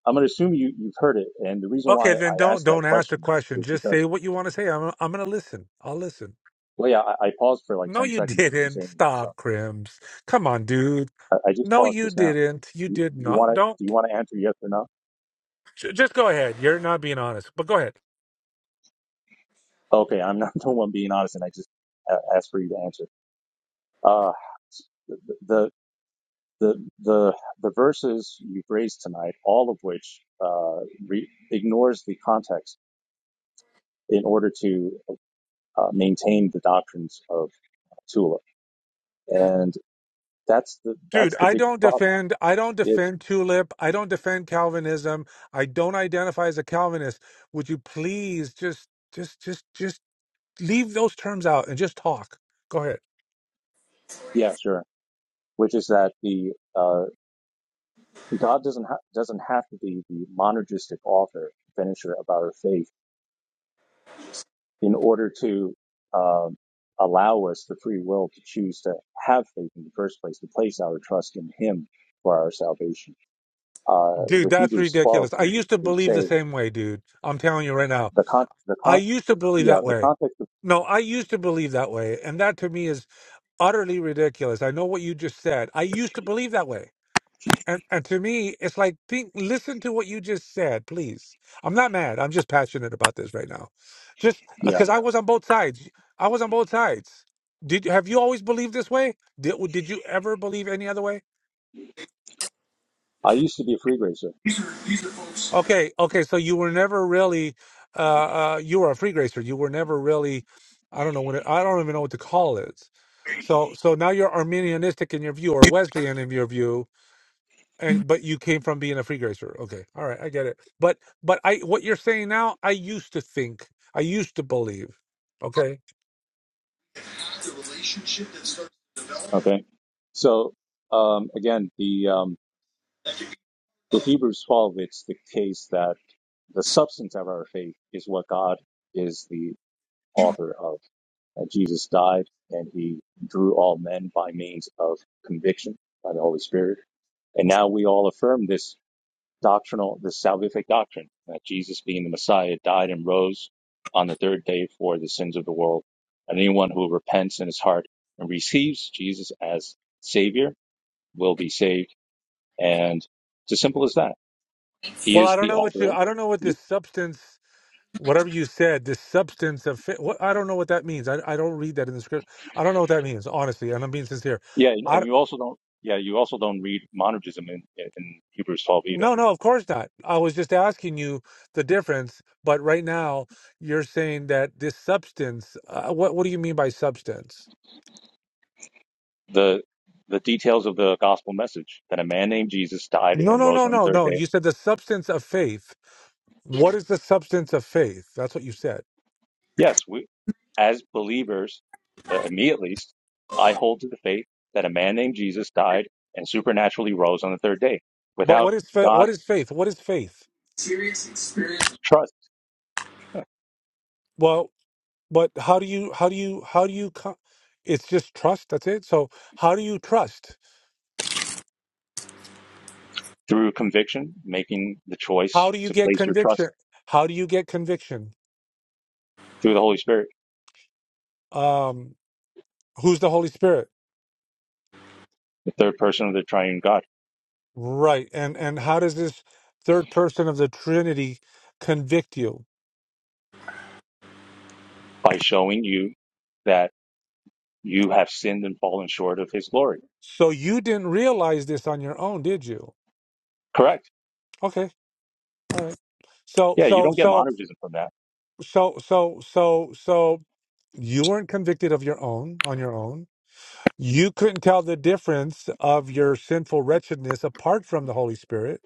Speaker 9: I'm going to assume you, you've heard it. And the reason why
Speaker 7: Okay, then
Speaker 9: I
Speaker 7: don't
Speaker 9: asked that
Speaker 7: don't ask the
Speaker 9: question
Speaker 7: question.
Speaker 9: is
Speaker 7: Just
Speaker 9: because,
Speaker 7: say what you want to say. I'm I'm gonna listen. I'll listen.
Speaker 9: well, yeah, I, I paused for like
Speaker 7: No,
Speaker 9: 10
Speaker 7: you
Speaker 9: seconds and you didn't say
Speaker 7: didn't.
Speaker 9: anything. So
Speaker 7: Stop, Crims. Come on, dude.
Speaker 9: I, I just
Speaker 7: No,
Speaker 9: paused
Speaker 7: you
Speaker 9: just now.
Speaker 7: didn't. You
Speaker 9: You,
Speaker 7: did
Speaker 9: you
Speaker 7: not.
Speaker 9: want to,
Speaker 7: Don't.
Speaker 9: do you want to answer yes or no?
Speaker 7: j- Just go ahead. You're not being honest. But go ahead,
Speaker 9: Okay, I'm not the one being honest and I just uh, asked for you to answer. Uh, the, the, the, the, the verses you've raised tonight, all of which, uh, re- ignores the context in order to uh, maintain the doctrines of Tula, And that's the
Speaker 7: dude.
Speaker 9: that's the
Speaker 7: I
Speaker 9: big
Speaker 7: don't
Speaker 9: problem.
Speaker 7: defend. I don't
Speaker 9: It's
Speaker 7: defend Tulip. I don't defend Calvinism. I don't identify as a Calvinist. Would you please just just just just leave those terms out and just talk? Go ahead.
Speaker 9: yeah, sure. Which is that the uh, God doesn't ha- doesn't have to be the monergistic author finisher of our faith in order to um, allow us the free will to choose to have faith in the first place, to place our trust in Him for our salvation. Uh,
Speaker 7: Dude,
Speaker 9: with
Speaker 7: that's
Speaker 9: Hebrews 12,
Speaker 7: ridiculous. I
Speaker 9: we
Speaker 7: used to
Speaker 9: we
Speaker 7: believe the
Speaker 9: say
Speaker 7: same way, dude. I'm telling you right now.
Speaker 9: the con the
Speaker 7: I
Speaker 9: con
Speaker 7: used to believe
Speaker 9: yeah
Speaker 7: that
Speaker 9: the
Speaker 7: way.
Speaker 9: context of
Speaker 7: No, I used to believe that way. And that to me is utterly ridiculous. I know what you just said. I used to believe that way. And and to me, it's like think listen to what you just said, please. I'm not mad. I'm just passionate about this right now. Just
Speaker 9: yeah
Speaker 7: cuz I was on both sides. I was on both sides. Did have you always believed this way? Did did you ever believe any other way?
Speaker 9: I used to be a free gracer.
Speaker 7: Okay, okay. So you were never really, uh, uh, you were a free gracer. You were never really, I don't know what it, I don't even know what to call it. So, so now you're Arminianistic in your view, or Wesleyan in your view, and but you came from being a free gracer. Okay, all right, I get it. But, but I, what you're saying now, I used to think, I used to believe. Okay.
Speaker 9: Okay, so um, again the um, With Hebrews 12, it's the case that the substance of our faith is what God is the author of. That Jesus died and he drew all men by means of conviction by the Holy Spirit. And now we all affirm this doctrinal, this salvific doctrine that Jesus being the Messiah died and rose on the third day for the sins of the world. And anyone who repents in his heart and receives Jesus as savior will be saved. And it's as simple as that. He
Speaker 7: Well,
Speaker 9: is
Speaker 7: I don't
Speaker 9: the
Speaker 7: know what
Speaker 9: author.
Speaker 7: you, I don't know what
Speaker 9: Y-
Speaker 7: this substance, whatever you said, this substance of, fa- what I don't know what that means. I, I don't read that in the script. I don't know what that means, honestly, and I'm being sincere.
Speaker 9: Yeah, and
Speaker 7: I.
Speaker 9: and you also don't. Yeah, you also don't read monergism in, in Hebrews 12 either.
Speaker 7: No, no, of course not. I was just asking you the difference, but right now you're saying that this substance, uh, what what do you mean by substance?
Speaker 9: The the details of the gospel message that a man named Jesus died
Speaker 7: No,
Speaker 9: and
Speaker 7: no,
Speaker 9: rose
Speaker 7: no,
Speaker 9: on
Speaker 7: no,
Speaker 9: the third
Speaker 7: no.
Speaker 9: day.
Speaker 7: You said the substance of faith. What is the substance of faith? That's what you said.
Speaker 9: Yes, we as believers, uh, me at least, I hold to the faith that a man named Jesus died and supernaturally rose on the third day.
Speaker 7: But
Speaker 9: Without
Speaker 7: what is fa- what
Speaker 9: God's
Speaker 7: is faith? What is faith?
Speaker 9: trust
Speaker 7: Well, but how do you how do you how do you co- it's just trust, that's it. So, how do you trust?
Speaker 9: through conviction, making the
Speaker 7: How
Speaker 9: choice
Speaker 7: do you
Speaker 9: to
Speaker 7: get
Speaker 9: place your trust
Speaker 7: conviction? How do you get conviction?
Speaker 9: through the Holy Spirit,
Speaker 7: Um who's the Holy Spirit?
Speaker 9: the third person of the triune God,
Speaker 7: Right. And and how does this third person of the Trinity convict you?
Speaker 9: by showing you that you have sinned and fallen short of his glory.
Speaker 7: So you didn't realize this on your own, did you?
Speaker 9: Correct.
Speaker 7: Okay. All right. So
Speaker 9: Yeah, you
Speaker 7: so
Speaker 9: don't get
Speaker 7: so
Speaker 9: monergism from that.
Speaker 7: so so so so you weren't convicted of your own on your own. You couldn't tell the difference of your sinful wretchedness apart from the Holy Spirit.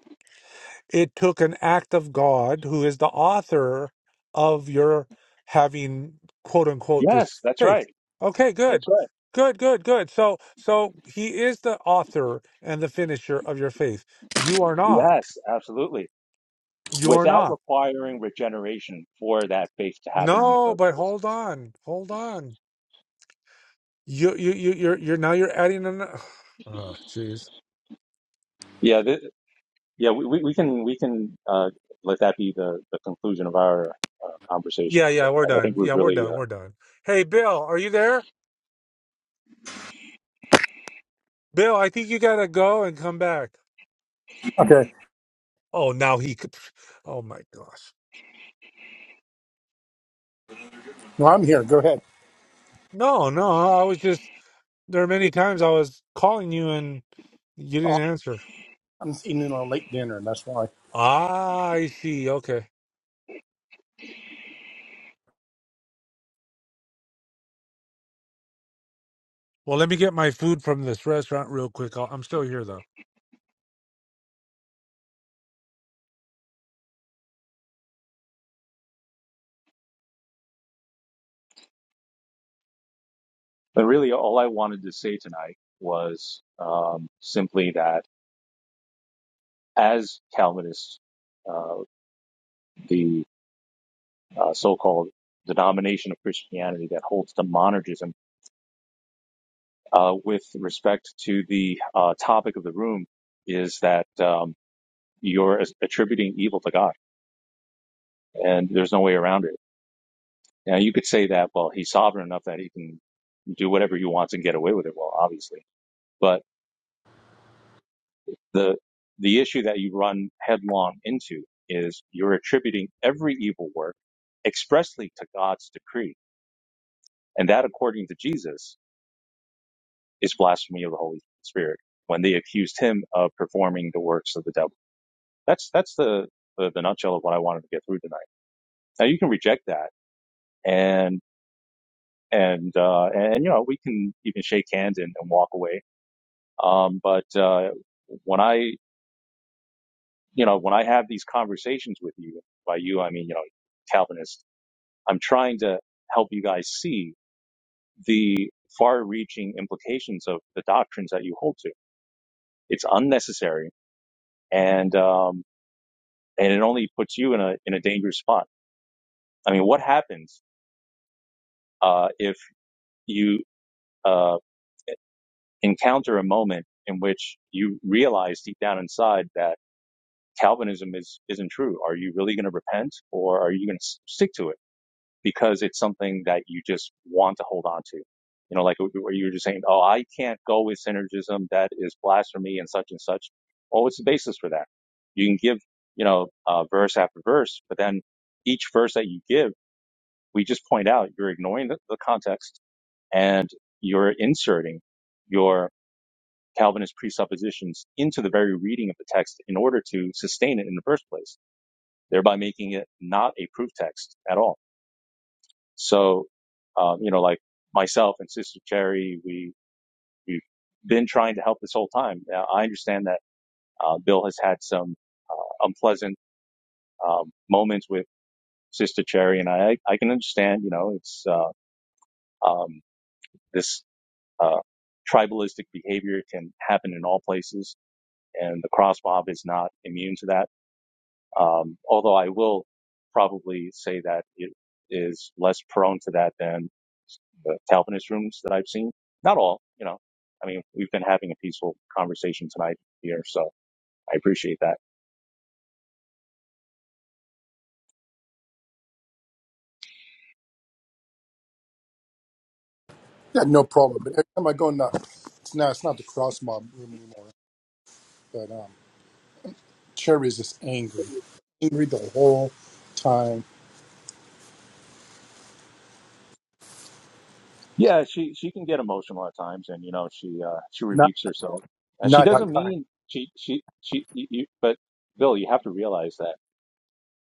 Speaker 7: it took an act of God, who is the author of your having quote unquote this
Speaker 9: Yes, that's
Speaker 7: faith.
Speaker 9: right.
Speaker 7: Okay, good.
Speaker 9: That's right.
Speaker 7: Good, good, good. So so he is the author and the finisher of your faith. You are not.
Speaker 9: Yes, absolutely.
Speaker 7: You are
Speaker 9: Without
Speaker 7: not.
Speaker 9: requiring regeneration for that faith to happen in the
Speaker 7: No,
Speaker 9: first
Speaker 7: but
Speaker 9: place.
Speaker 7: hold on. Hold on. You you you you're you're now you're adding an Oh, jeez.
Speaker 9: Yeah, th- yeah, we, we we can we can uh, let that be the, the conclusion of our uh, conversation
Speaker 7: Yeah,
Speaker 9: because
Speaker 7: yeah, we're
Speaker 9: I, I
Speaker 7: done.
Speaker 9: think we're
Speaker 7: Yeah, we're
Speaker 9: really
Speaker 7: done.
Speaker 9: uh,
Speaker 7: We're done. Hey, Bill, are you there? Bill, I think you gotta go and come back.
Speaker 1: Okay.
Speaker 7: Oh, now he could. Oh my gosh.
Speaker 1: No, I'm here. Go ahead.
Speaker 7: No, no. I was just there are many times I was calling you and you didn't
Speaker 1: Oh,
Speaker 7: answer.
Speaker 1: I'm eating a late dinner, and that's why.
Speaker 7: Ah, I see. Okay. Well, let me get my food from this restaurant real quick. I'll, I'm still here though.
Speaker 9: but really all I wanted to say tonight was um, simply that as Calvinists, uh, the uh, so-called denomination of Christianity that holds to monergism. Uh, with respect to the uh, topic of the room, is that um, you're attributing evil to God, and there's no way around it. Now you could say that, well, he's sovereign enough that he can do whatever he wants and get away with it. Well, obviously, but the the issue that you run headlong into is you're attributing every evil work expressly to God's decree, and that according to Jesus is blasphemy of the Holy Spirit when they accused him of performing the works of the devil. That's that's the the, the nutshell of what I wanted to get through tonight. Now you can reject that and and uh, and you know we can even shake hands and, and walk away. Um, but uh, when I you know when I have these conversations with you, by you I mean you know Calvinist, I'm trying to help you guys see the far-reaching implications of the doctrines that you hold to. It's unnecessary and um, and it only puts you in a in a dangerous spot. I mean, what happens uh, if you uh, encounter a moment in which you realize deep down inside that Calvinism is isn't true? Are you really going to repent, or are you going to stick to it because it's something that you just want to hold on to? You know, like where you were just saying, "Oh, I can't go with synergism; that is blasphemy," and such and such. Well, what's the basis for that? You can give, you know, uh, verse after verse, but then each verse that you give we just point out you're ignoring the, the context and you're inserting your Calvinist presuppositions into the very reading of the text in order to sustain it in the first place, thereby making it not a proof text at all. So, um, you know, like myself and Sister Cherry, we, we've been trying to help this whole time. Now, I understand that uh, Bill has had some unpleasant um, moments with Sister Cherry, and I, I can understand, you know, it's, uh, um, this Uh, tribalistic behavior can happen in all places, and the cross mob is not immune to that. Um, although I will probably say that it is less prone to that than the Calvinist rooms that I've seen. Not all, you know. I mean, we've been having a peaceful conversation tonight here, so I appreciate that.
Speaker 1: Yeah, no problem. But every time I go in the, it's not, it's not the cross mob room anymore. But um, Cherry is just angry, angry the whole time.
Speaker 9: Yeah, she she can get emotional at times, and you know, she uh, she
Speaker 1: Not
Speaker 9: rebukes herself. Uh, she
Speaker 1: not
Speaker 9: doesn't
Speaker 1: that kind.
Speaker 9: mean she she she. You, you- but Bill, you have to realize that.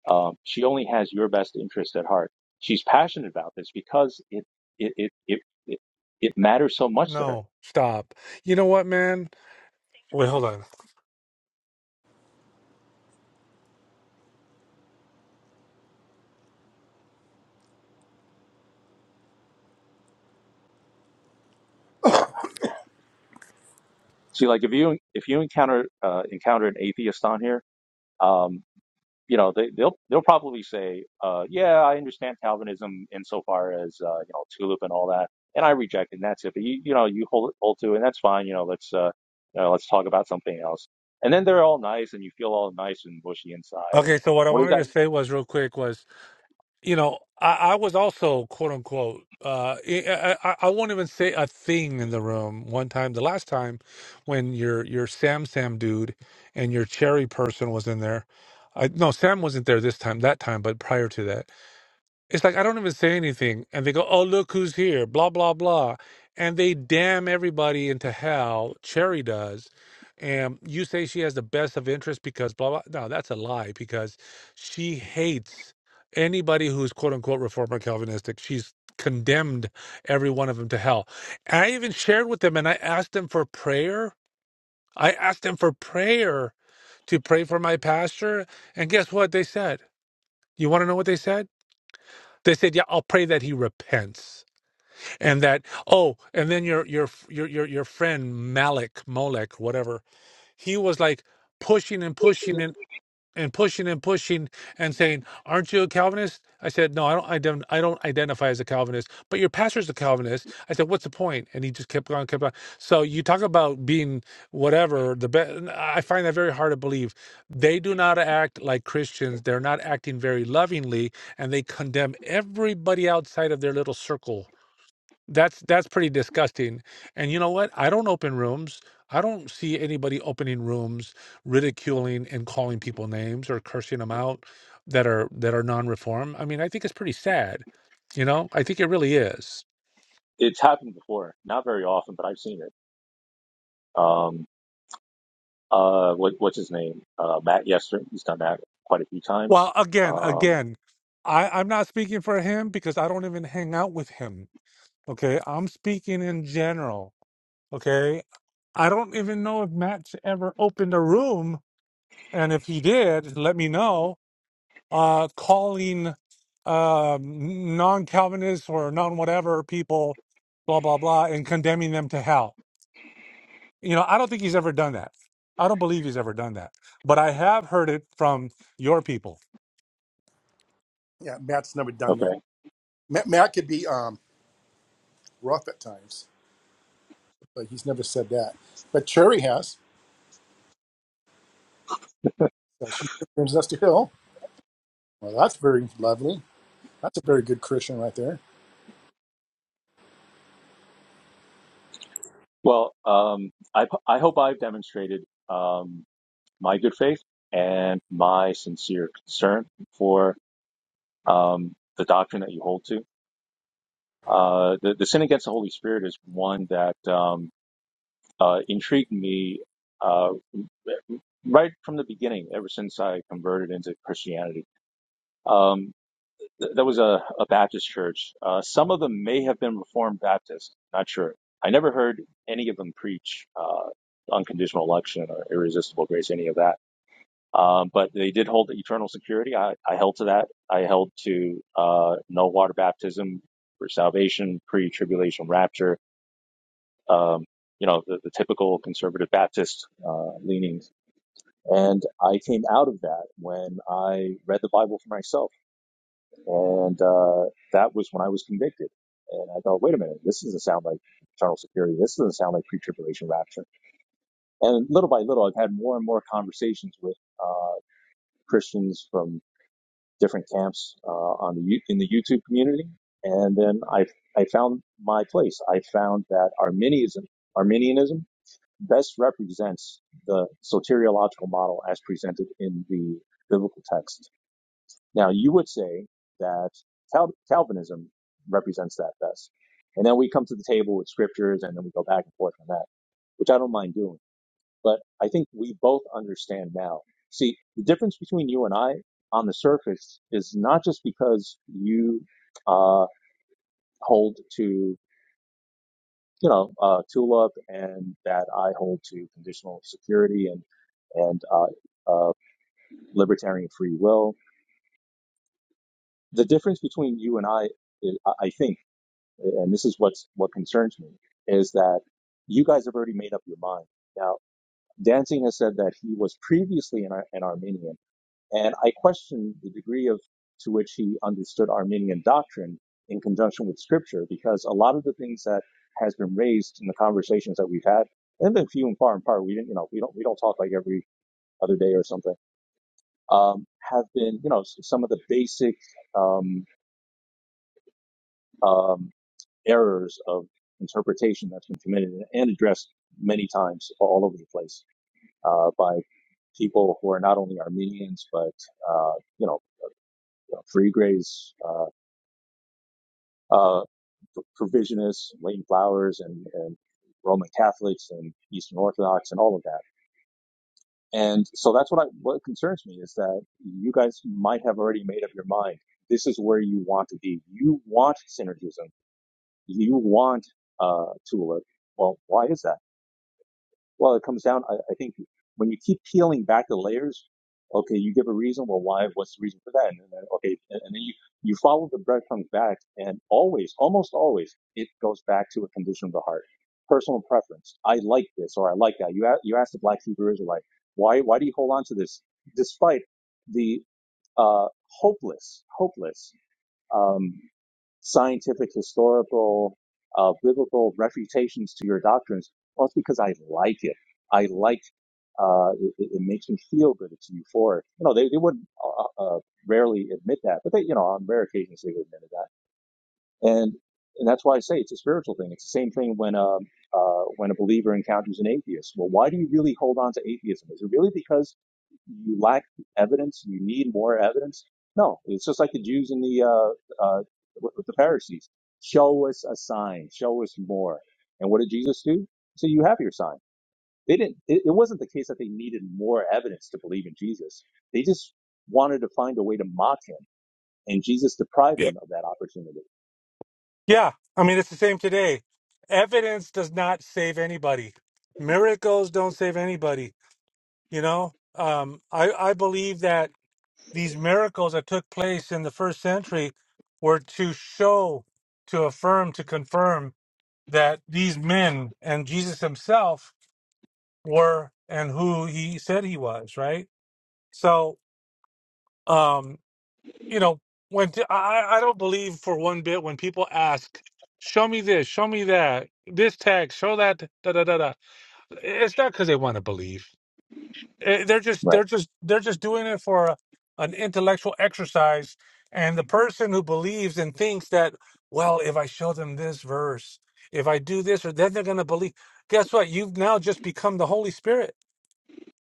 Speaker 9: Um, she only has your best interest at heart. She's passionate about this because it it it it it, it matters so much to her.
Speaker 7: No, stop. You know what, man? Wait, hold on.
Speaker 9: See, like if you if you encounter uh, encounter an atheist on here, um, you know they, they'll they'll probably say, uh, "Yeah, I understand Calvinism insofar as uh, you know tulip and all that, and I reject it. And that's it. But you you know you hold hold to, it, and that's fine. You know let's uh, you know, let's talk about something else." And then they're all nice, and you feel all nice and bushy inside, and
Speaker 7: Okay, so what I
Speaker 9: what does
Speaker 7: wanted to say was real quick was you know, I, I was also quote unquote. Uh, I, I, I won't even say a thing in the room. One time, the last time, when your your Sam Sam dude and your Cherry person was in there, I no Sam wasn't there this time. That time, but prior to that. It's like I don't even say anything, and they go, "Oh, look who's here!" Blah blah blah, and they damn everybody into hell. Cherry does, and you say she has the best of interest because blah blah. No, that's a lie because she hates anybody who's quote unquote reformer Calvinistic. She's condemned every one of them to hell. And I even shared with them, and I asked them for prayer. I asked them for prayer to pray for my pastor, and guess what they said? You want to know what they said? They said, "Yeah, I'll pray that he repents." And that oh, and then your your your your your friend Malik Molek whatever, he was like pushing and pushing and." and pushing and pushing and saying, "Aren't you a Calvinist?" I said, "No, I don't. Ident- I don't identify as a Calvinist." But your pastor's a Calvinist. I said, "What's the point?" And he just kept on, kept on. So you talk about being whatever the best. I find that very hard to believe. They do not act like Christians. They're not acting very lovingly, and they condemn everybody outside of their little circle that's that's pretty disgusting. And you know what? I don't open rooms. I don't see anybody opening rooms ridiculing and calling people names or cursing them out that are that are non-reform. I mean, I think it's pretty sad. You know, I think it really is.
Speaker 9: It's happened before, not very often, but I've seen it. Um, uh, what, what's his name? Uh, Matt Yester. He's done that quite a few
Speaker 7: Well,
Speaker 9: times.
Speaker 7: again,
Speaker 9: Um,
Speaker 7: again, I, I'm not speaking for him because I don't even hang out with him. Okay. I'm speaking in general. Okay. I don't even know if Matt's ever opened a room. And if he did, let me know uh, calling uh, non-Calvinists or non-whatever people, blah blah blah, and condemning them to hell. You know, I don't think he's ever done that. I don't believe he's ever done that. But I have heard it from your people.
Speaker 1: Yeah, Matt's never done that.
Speaker 9: okay.
Speaker 1: Matt, Matt could be um rough at times, but he's never said that. But Cherry has. So she brings us to Hill. Well, that's very lovely. That's a very good Christian right there.
Speaker 9: Well, um, I, I hope I've demonstrated um, my good faith and my sincere concern for um, the doctrine that you hold to. Uh, the, the sin against the Holy Spirit is one that um, uh, intrigued me uh, right from the beginning, ever since I converted into Christianity. Um, Th- That was a, a Baptist church. Uh, some of them may have been Reformed Baptist. Not sure. I never heard any of them preach uh, unconditional election or irresistible grace, any of that. Um, but they did hold the eternal security. I, I held to that. I held to uh, no water baptism for salvation, pre-tribulation rapture. Um, you know, the, the typical conservative Baptist uh, leanings. And I came out of that when I read the Bible for myself and uh, that was when I was convicted. And I thought, wait a minute, this doesn't sound like eternal security. This doesn't sound like pre tribulation rapture. And little by little, I've had more and more conversations with uh, Christians from different camps uh, on the Yo- in the YouTube community. And then I I found my place. I found that Arminianism Arminianism best represents the soteriological model as presented in the biblical texts now, you would say that Cal- Calvinism represents that best. And then we come to the table with scriptures and then we go back and forth on that, which I don't mind doing. But I think we both understand now. See, the difference between you and I on the surface is not just because you uh, hold to, you know, uh, tulip and that I hold to conditional security and, and uh, uh, libertarian free will. The difference between you and I, is, I I think, and this is what's what concerns me is that you guys have already made up your mind. Now, Danzig has said that he was previously an, Ar- an Armenian, and I question the degree of to which he understood Armenian doctrine in conjunction with Scripture, because a lot of the things that has been raised in the conversations that we've had, and been few and far and far. We didn't, you know, we don't we don't talk like every other day or something. Um, have been, you know, s- some of the basic um, um, errors of interpretation that's been committed and addressed many times all over the place uh, by people who are not only Armenians but uh, you know you know, free grays, uh, uh, provisionists, Lane Flowers, and, and Roman Catholics and Eastern Orthodox and all of that. And so that's what I, what concerns me is that you guys might have already made up your mind. This is where you want to be. You want synergism. You want uh, tulip. Well, why is that? Well, it comes down, I, I think, when you keep peeling back the layers, okay, you give a reason. Well, why? What's the reason for that? And then, okay, and, and then you, you follow the breadcrumbs back, and always, almost always, it goes back to a condition of the heart, personal preference. I like this or I like that. You, you asked the Black Hebrew Israelite, why, why do you hold on to this despite the uh, hopeless, hopeless. Um, scientific, historical, uh, biblical refutations to your doctrines. Well, it's because I like it. I like uh, it, it makes me feel good. It's euphoric. You know, they, they would uh, uh, rarely admit that, but they, you know, on rare occasions they would admit that and and that's why I say it's a spiritual thing. It's the same thing when um, uh, when a believer encounters an atheist. Well, why do you really hold on to atheism? Is it really because you lack evidence? You need more evidence? No, it's just like the Jews and the uh, uh, with the Pharisees. Show us a sign. Show us more. And what did Jesus do? So "You have your sign." They didn't. It, it wasn't the case that they needed more evidence to believe in Jesus. They just wanted to find a way to mock him, and Jesus deprived
Speaker 7: Yeah.
Speaker 9: them of that opportunity.
Speaker 7: Yeah, I mean it's the same today. Evidence does not save anybody. Miracles don't save anybody. You know, um, I I believe that these miracles that took place in the first century were to show, to affirm, to confirm that these men and Jesus himself were and who he said he was, right? So, um, you know, when t- I, I don't believe for one bit when people ask, show me this, show me that, this text, show that, da da da da. It's not because they want to believe. Eh, they're just
Speaker 9: Right.
Speaker 7: they're just they're just doing it for a, an intellectual exercise and the person who believes and thinks that well if i show them this verse if i do this or then they're going to believe guess what you've now just become the holy spirit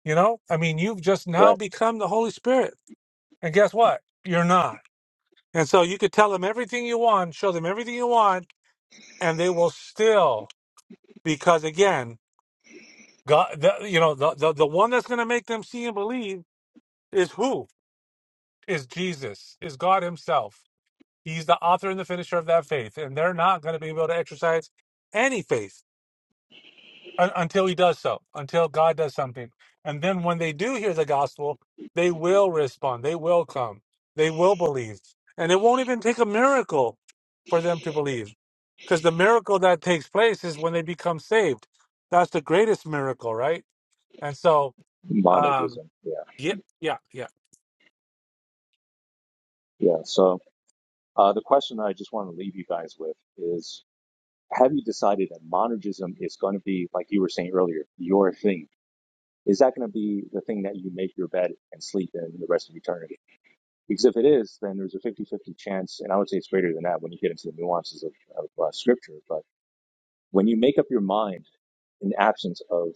Speaker 7: you know i mean you've just
Speaker 9: Right.
Speaker 7: now become the holy spirit and guess what you're not and so you could tell them everything you want show them everything you want and they will still because again god the, you know the, the, the one that's going to make them see and believe is who is Jesus, is God Himself. He's the author and the finisher of that faith, and they're not going to be able to exercise any faith un- until He does so, until God does something. And then when they do hear the gospel, they will respond, they will come, they will believe. And it won't even take a miracle for them to believe because the miracle that takes place is when they become saved. That's the greatest miracle, right? And so, um,
Speaker 9: Monogism. Yeah.
Speaker 7: yeah, yeah, yeah.
Speaker 9: Yeah. So uh, the question I just want to leave you guys with is have you decided that monogism is going to be, like you were saying earlier, your thing? Is that going to be the thing that you make your bed and sleep in the rest of eternity? Because if it is, then there's a 50 50 chance, and I would say it's greater than that when you get into the nuances of, of uh, scripture. But when you make up your mind in absence of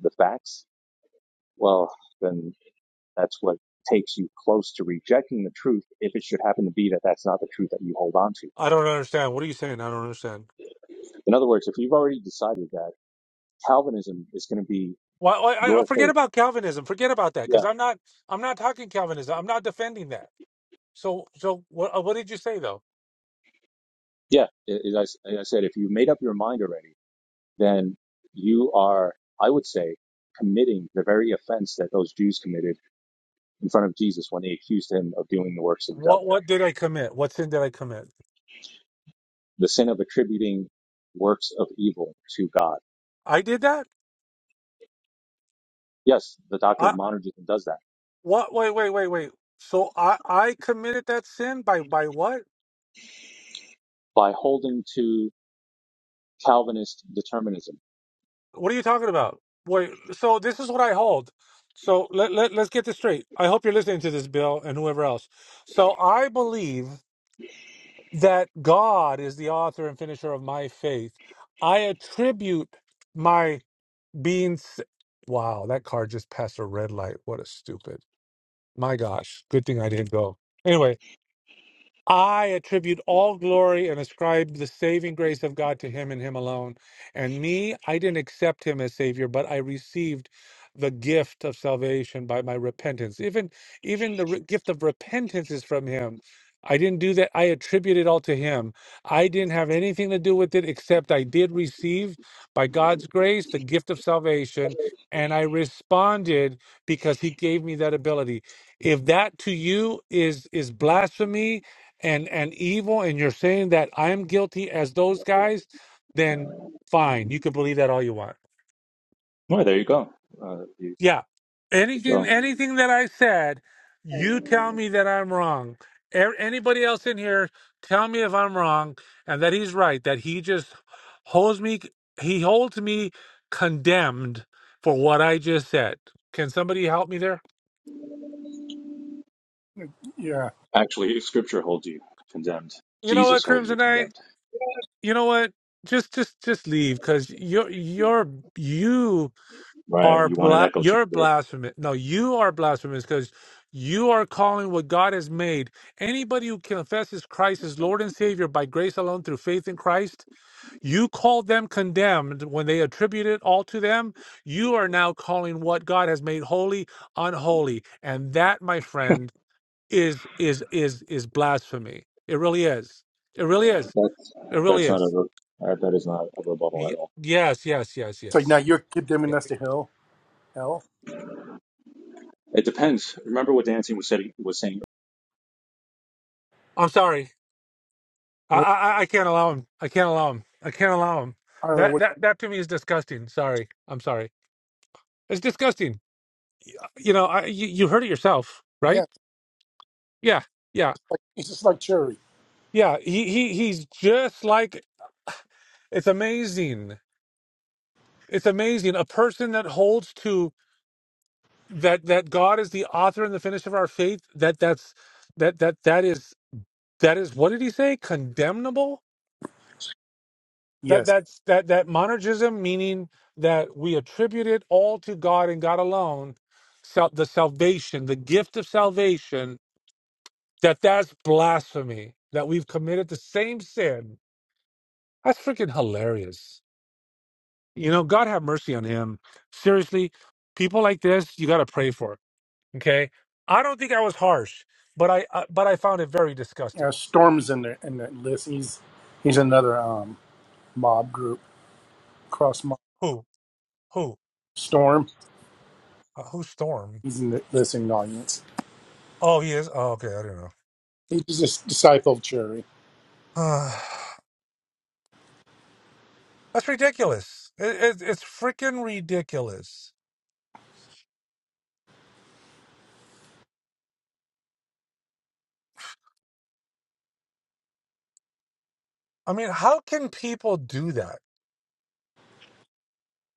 Speaker 9: the facts, well, then That's what takes you close to rejecting the truth if it should happen to be that that's not the truth that you hold on to.
Speaker 7: I don't understand. What are you saying? I don't understand.
Speaker 9: In other words, if you've already decided that Calvinism is going to be
Speaker 7: Well, I, I
Speaker 9: your
Speaker 7: forget
Speaker 9: faith,
Speaker 7: about Calvinism. Forget about that, because
Speaker 9: yeah,
Speaker 7: I'm not. I'm not talking Calvinism. I'm not defending that. So, so what? uh, What did you say though?
Speaker 9: yeah, as I said, if you made up your mind already, then you are, I would say, committing the very offense that those Jews committed in front of Jesus when they accused him of doing the works of the
Speaker 7: What?
Speaker 9: devil,
Speaker 7: What did I commit? What sin did I commit?
Speaker 9: the sin of attributing works of evil to God.
Speaker 7: I did that.
Speaker 9: Yes, the doctrine
Speaker 7: I
Speaker 9: of monergism does that
Speaker 7: what? Wait, wait, wait, wait. So I I committed that sin by by what?
Speaker 9: by holding to Calvinist determinism.
Speaker 7: What are you talking about? Wait. So this is what I hold. So let, let let's get this straight. I hope you're listening to this, Bill, and whoever else. So I believe that God is the author and finisher of my faith. I attribute my being. s- Wow, that car just passed a red light. What a stupid. My gosh, good thing I didn't go. Anyway. I attribute all glory and ascribe the saving grace of God to him and him alone. And me, I didn't accept him as savior, but I received the gift of salvation by my repentance. Even even the re- gift of repentance is from him. I didn't do that. I attribute it all to him. I didn't have anything to do with it except I did receive by God's grace the gift of salvation and I responded because he gave me that ability. If that to you is is blasphemy, and and evil and you're saying that I am guilty as those guys, then fine, you can believe that all you want.
Speaker 9: Well, there you go. Uh,
Speaker 7: Yeah. Anything anything that I said, you tell me that I'm wrong. A- Anybody else in here, tell me if I'm wrong and that he's right, that he just holds me he holds me condemned for what I just said. Can somebody help me there?
Speaker 1: Yeah.
Speaker 9: actually, Scripture holds you condemned.
Speaker 7: You know what,
Speaker 9: Jesus holds you
Speaker 7: Crimson Knight?
Speaker 9: condemned.
Speaker 7: You know what? Just just just leave cuz you're you're you
Speaker 9: Right?
Speaker 7: are
Speaker 9: You want an
Speaker 7: bla-
Speaker 9: echo
Speaker 7: you're
Speaker 9: chamber?
Speaker 7: blasphemous. No, you are blasphemous because you are calling what God has made. Anybody who confesses Christ as Lord and Savior by grace alone through faith in Christ, you call them condemned when they attribute it all to them. You are now calling what God has made holy unholy, and that, my friend, is is is is blasphemy. It really is. It really is.
Speaker 9: That's
Speaker 7: It really
Speaker 9: that's not a
Speaker 7: is.
Speaker 9: re- uh, that is not a rebuttal
Speaker 7: Y-
Speaker 9: at all.
Speaker 7: yes, yes, yes,
Speaker 1: So now
Speaker 7: yes.
Speaker 1: you're
Speaker 7: Yeah.
Speaker 1: condemning us to Hill. Hell.
Speaker 9: It depends. Remember what Dancing was saying. Was saying
Speaker 7: I'm sorry. I,
Speaker 1: What-
Speaker 7: I, I can't allow him. I can't allow him. I can't allow him.
Speaker 1: I don't know
Speaker 7: That
Speaker 1: what.
Speaker 7: that that to me is disgusting. Sorry, I'm sorry. It's disgusting. You know, I, you, you heard it yourself,
Speaker 1: yeah.
Speaker 7: right? Yeah, yeah,
Speaker 1: like it's just like Cherry.
Speaker 7: yeah. He he he's just like it's amazing. It's amazing. A person that holds to that that God is the author and the finish of our faith. That that's that that that is that is what did he say? Condemnable that
Speaker 1: Yes,
Speaker 7: that's that that monergism meaning that we attribute it all to god and god alone sal- the salvation the gift of salvation that that's blasphemy that we've committed the same sin that's freaking hilarious you know god have mercy on him seriously people like this you got to pray for okay i don't think i was harsh but i uh, but i found it very
Speaker 1: uh,
Speaker 7: disgusting
Speaker 1: Storm's in the in that list. He's he's another um, mob group cross mob.
Speaker 7: who who
Speaker 1: Storm.
Speaker 7: uh, who storm
Speaker 1: He's in the listening audience.
Speaker 7: oh he is oh okay i don't
Speaker 1: He's just a disciple of Cherry.
Speaker 7: know That's ridiculous. It, it, it's freaking ridiculous. I mean, how can people do that?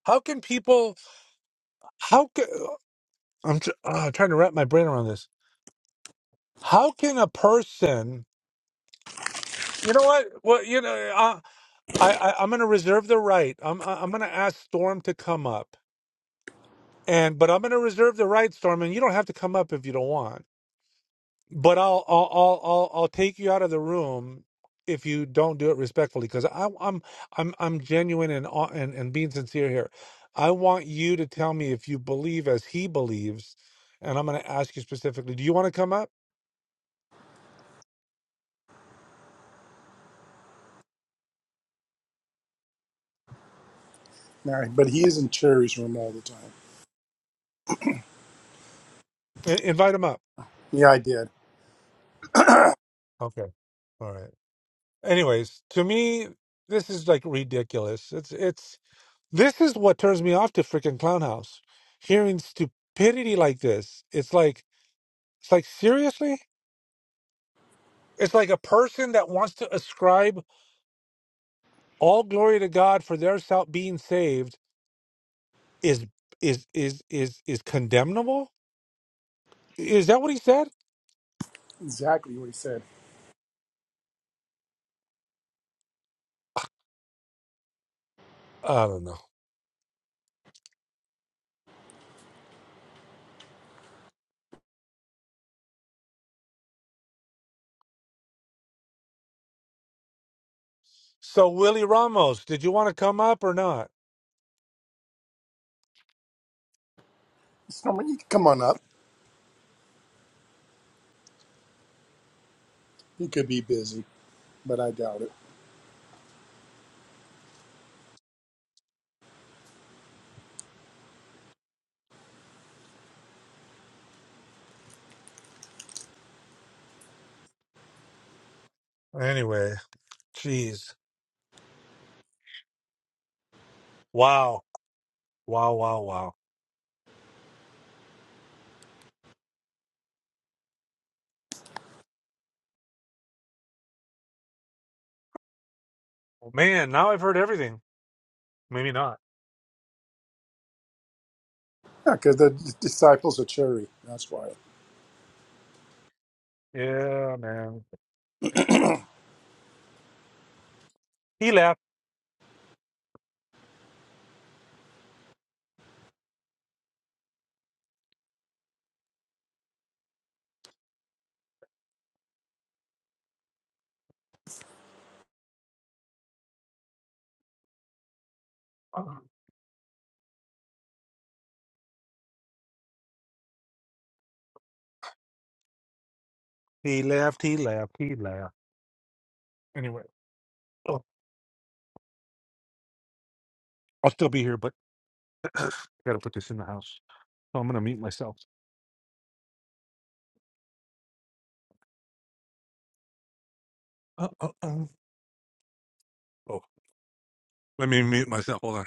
Speaker 7: How can people? How can I'm tr- uh, trying to wrap my brain around this? How can a person? You know what? Well, you know, uh, I, I I'm going to reserve the right. I'm I- I'm going to ask Storm to come up, and but I'm going to reserve the right, Storm, and you don't have to come up if you don't want. But I'll I'll I'll I'll, I'll take you out of the room if you don't do it respectfully because I I'm I'm I'm genuine and hon- and and being sincere here. I want you to tell me if you believe as he believes, and I'm going to ask you specifically. Do you want to come up?
Speaker 1: All right, but he is in Cherry's room all the time.
Speaker 7: I- invite him up.
Speaker 1: Yeah, I did
Speaker 7: Okay. All right. anyways, to me, this is like ridiculous. It's it's this is what turns me off to freaking Clown House. Hearing stupidity like this, it's like it's like seriously. It's like a person that wants to ascribe all glory to God for their sal- being saved is is is is is condemnable. Is that what he said?
Speaker 1: exactly what he said.
Speaker 7: I don't know. So Willie Ramos, did you want to come up or not?
Speaker 1: Storm, you can come on up. He could be busy, but I doubt it.
Speaker 7: Anyway, jeez, wow, wow, wow, wow. Man, now I've heard everything. Maybe not.
Speaker 1: Yeah, because the d- disciples are Cherry. That's why.
Speaker 7: Yeah, man. He left. He left. He left. He left. Anyway, oh, I'll still be here, but I got to put this in the house. So I'm going to mute myself. Uh, uh, uh. Oh, let me mute myself. Hold on.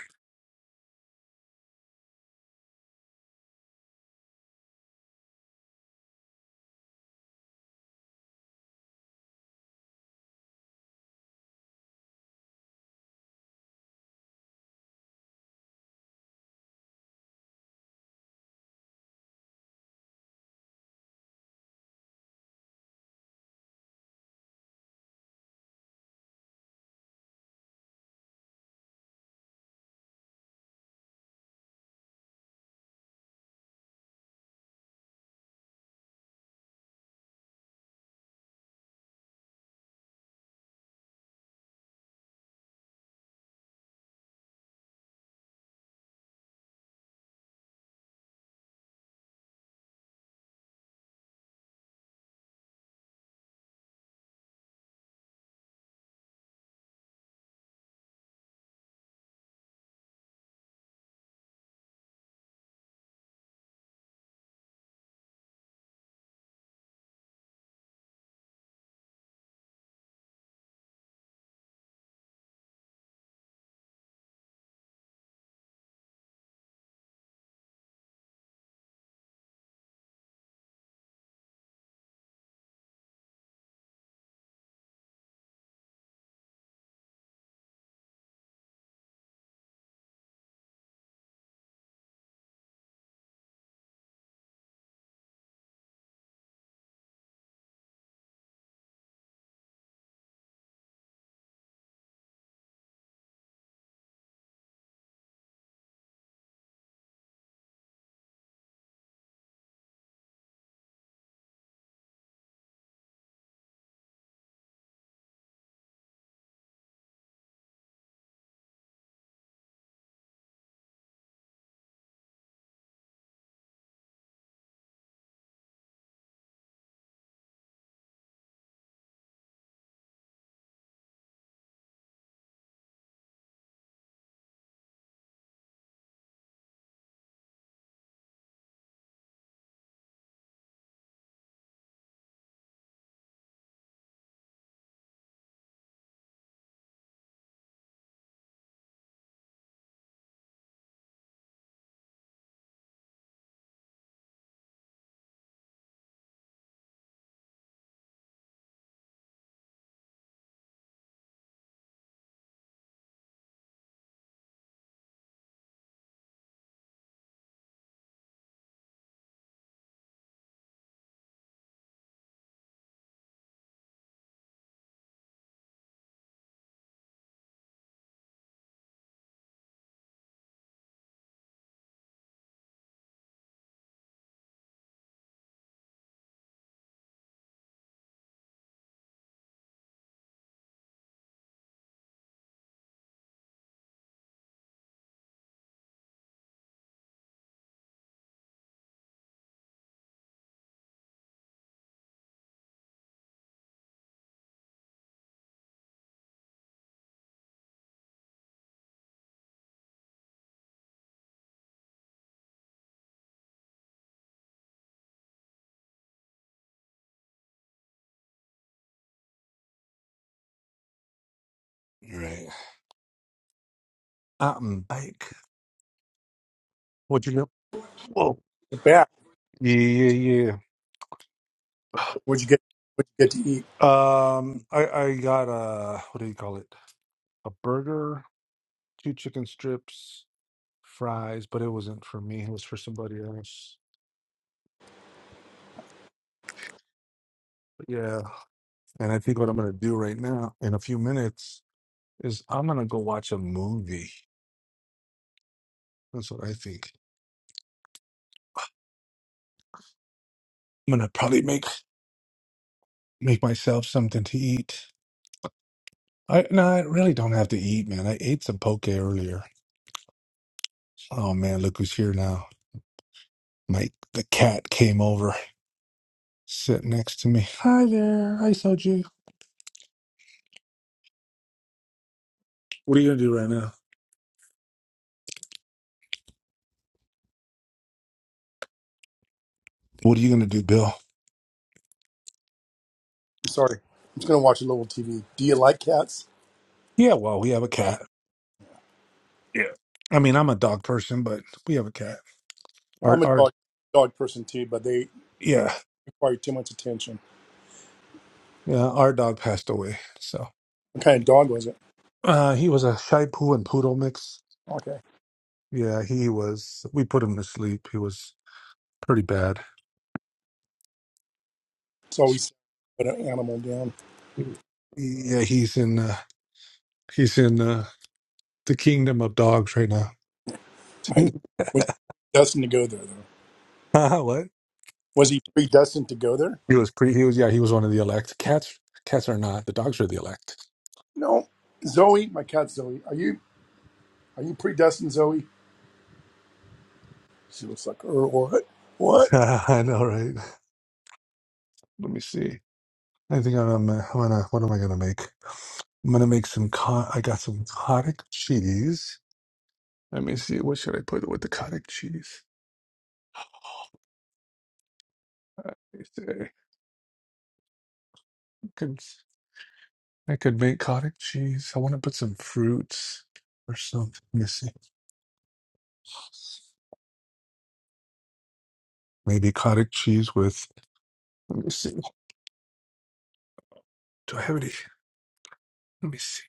Speaker 7: All right. I'm back. What'd you get? Whoa.
Speaker 1: Back.
Speaker 7: Yeah, yeah, yeah.
Speaker 1: What'd you get? What'd you get to eat?
Speaker 7: Um, I, I got a, what do you call it? A burger, two chicken strips, fries, but it wasn't for me. It was for somebody else. But yeah. And I think what I'm going to do right now in a few minutes is I'm going to go watch a movie. That's what I think. I'm going to probably make make myself something to eat. I no, I really don't have to eat, man. I ate some poke earlier. Oh man, look who's here now. Mike the cat came over, sit next to me. Hi there. Hi Soju. What are you going to do right now? What are you going to do, Bill?
Speaker 1: I'm sorry. I'm just gonna watch a little TV. Do you like cats?
Speaker 7: Yeah, well, we have a cat. Yeah. I mean, I'm a dog person, but we have a cat. Our
Speaker 1: I'm a
Speaker 7: our
Speaker 1: dog dog person too, but they
Speaker 7: yeah.
Speaker 1: require too much attention.
Speaker 7: Yeah, our dog passed away. So
Speaker 1: What kind of dog was it?
Speaker 7: Uh, he was a Shai Poo and Poodle mix.
Speaker 1: Okay.
Speaker 7: Yeah, he was. We put him to sleep. He was pretty bad.
Speaker 1: It's always put an animal down.
Speaker 7: Yeah, he's in. Uh, he's in uh, the kingdom of dogs right now.
Speaker 1: was he destined to go there though?
Speaker 7: Uh, what?
Speaker 1: Was he predestined to go there?
Speaker 7: He was pre. He was. Yeah, he was one of the elect. Cats. Cats are not. The dogs are the elect.
Speaker 1: No. Zoe, my cat Zoe, are you are you predestined, Zoe? She looks like, er, what? What?
Speaker 7: I know, right? Let me see. I think I'm. uh, I'm gonna. What am I gonna make? I'm gonna make some. Co- I got some cottage cheese. Let me see. What should I put with the cottage cheese? Uh, Let me see. I could make cottage cheese. I want to put some fruits or something. Let me see. Maybe cottage cheese with. Let me see. Do I have any? Let me see.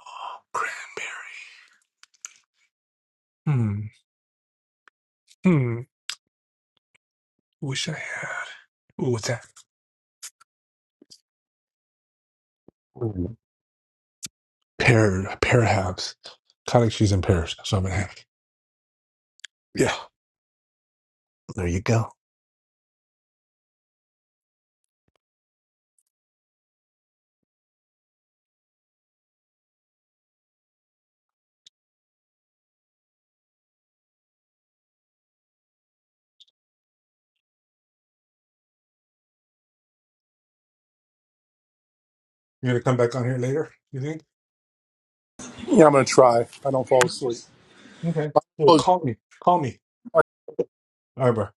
Speaker 7: Oh, cranberry. Hmm. Hmm. Wish I had. Ooh, what's that? Ooh. Pear. Pear halves. Cottage cheese and pears. So I'm gonna have. Yeah. There you go. You're gonna come back on here later. You think?
Speaker 1: Yeah, I'm gonna try. I don't fall asleep.
Speaker 7: Okay. Well, call me. Call me. All right, bro.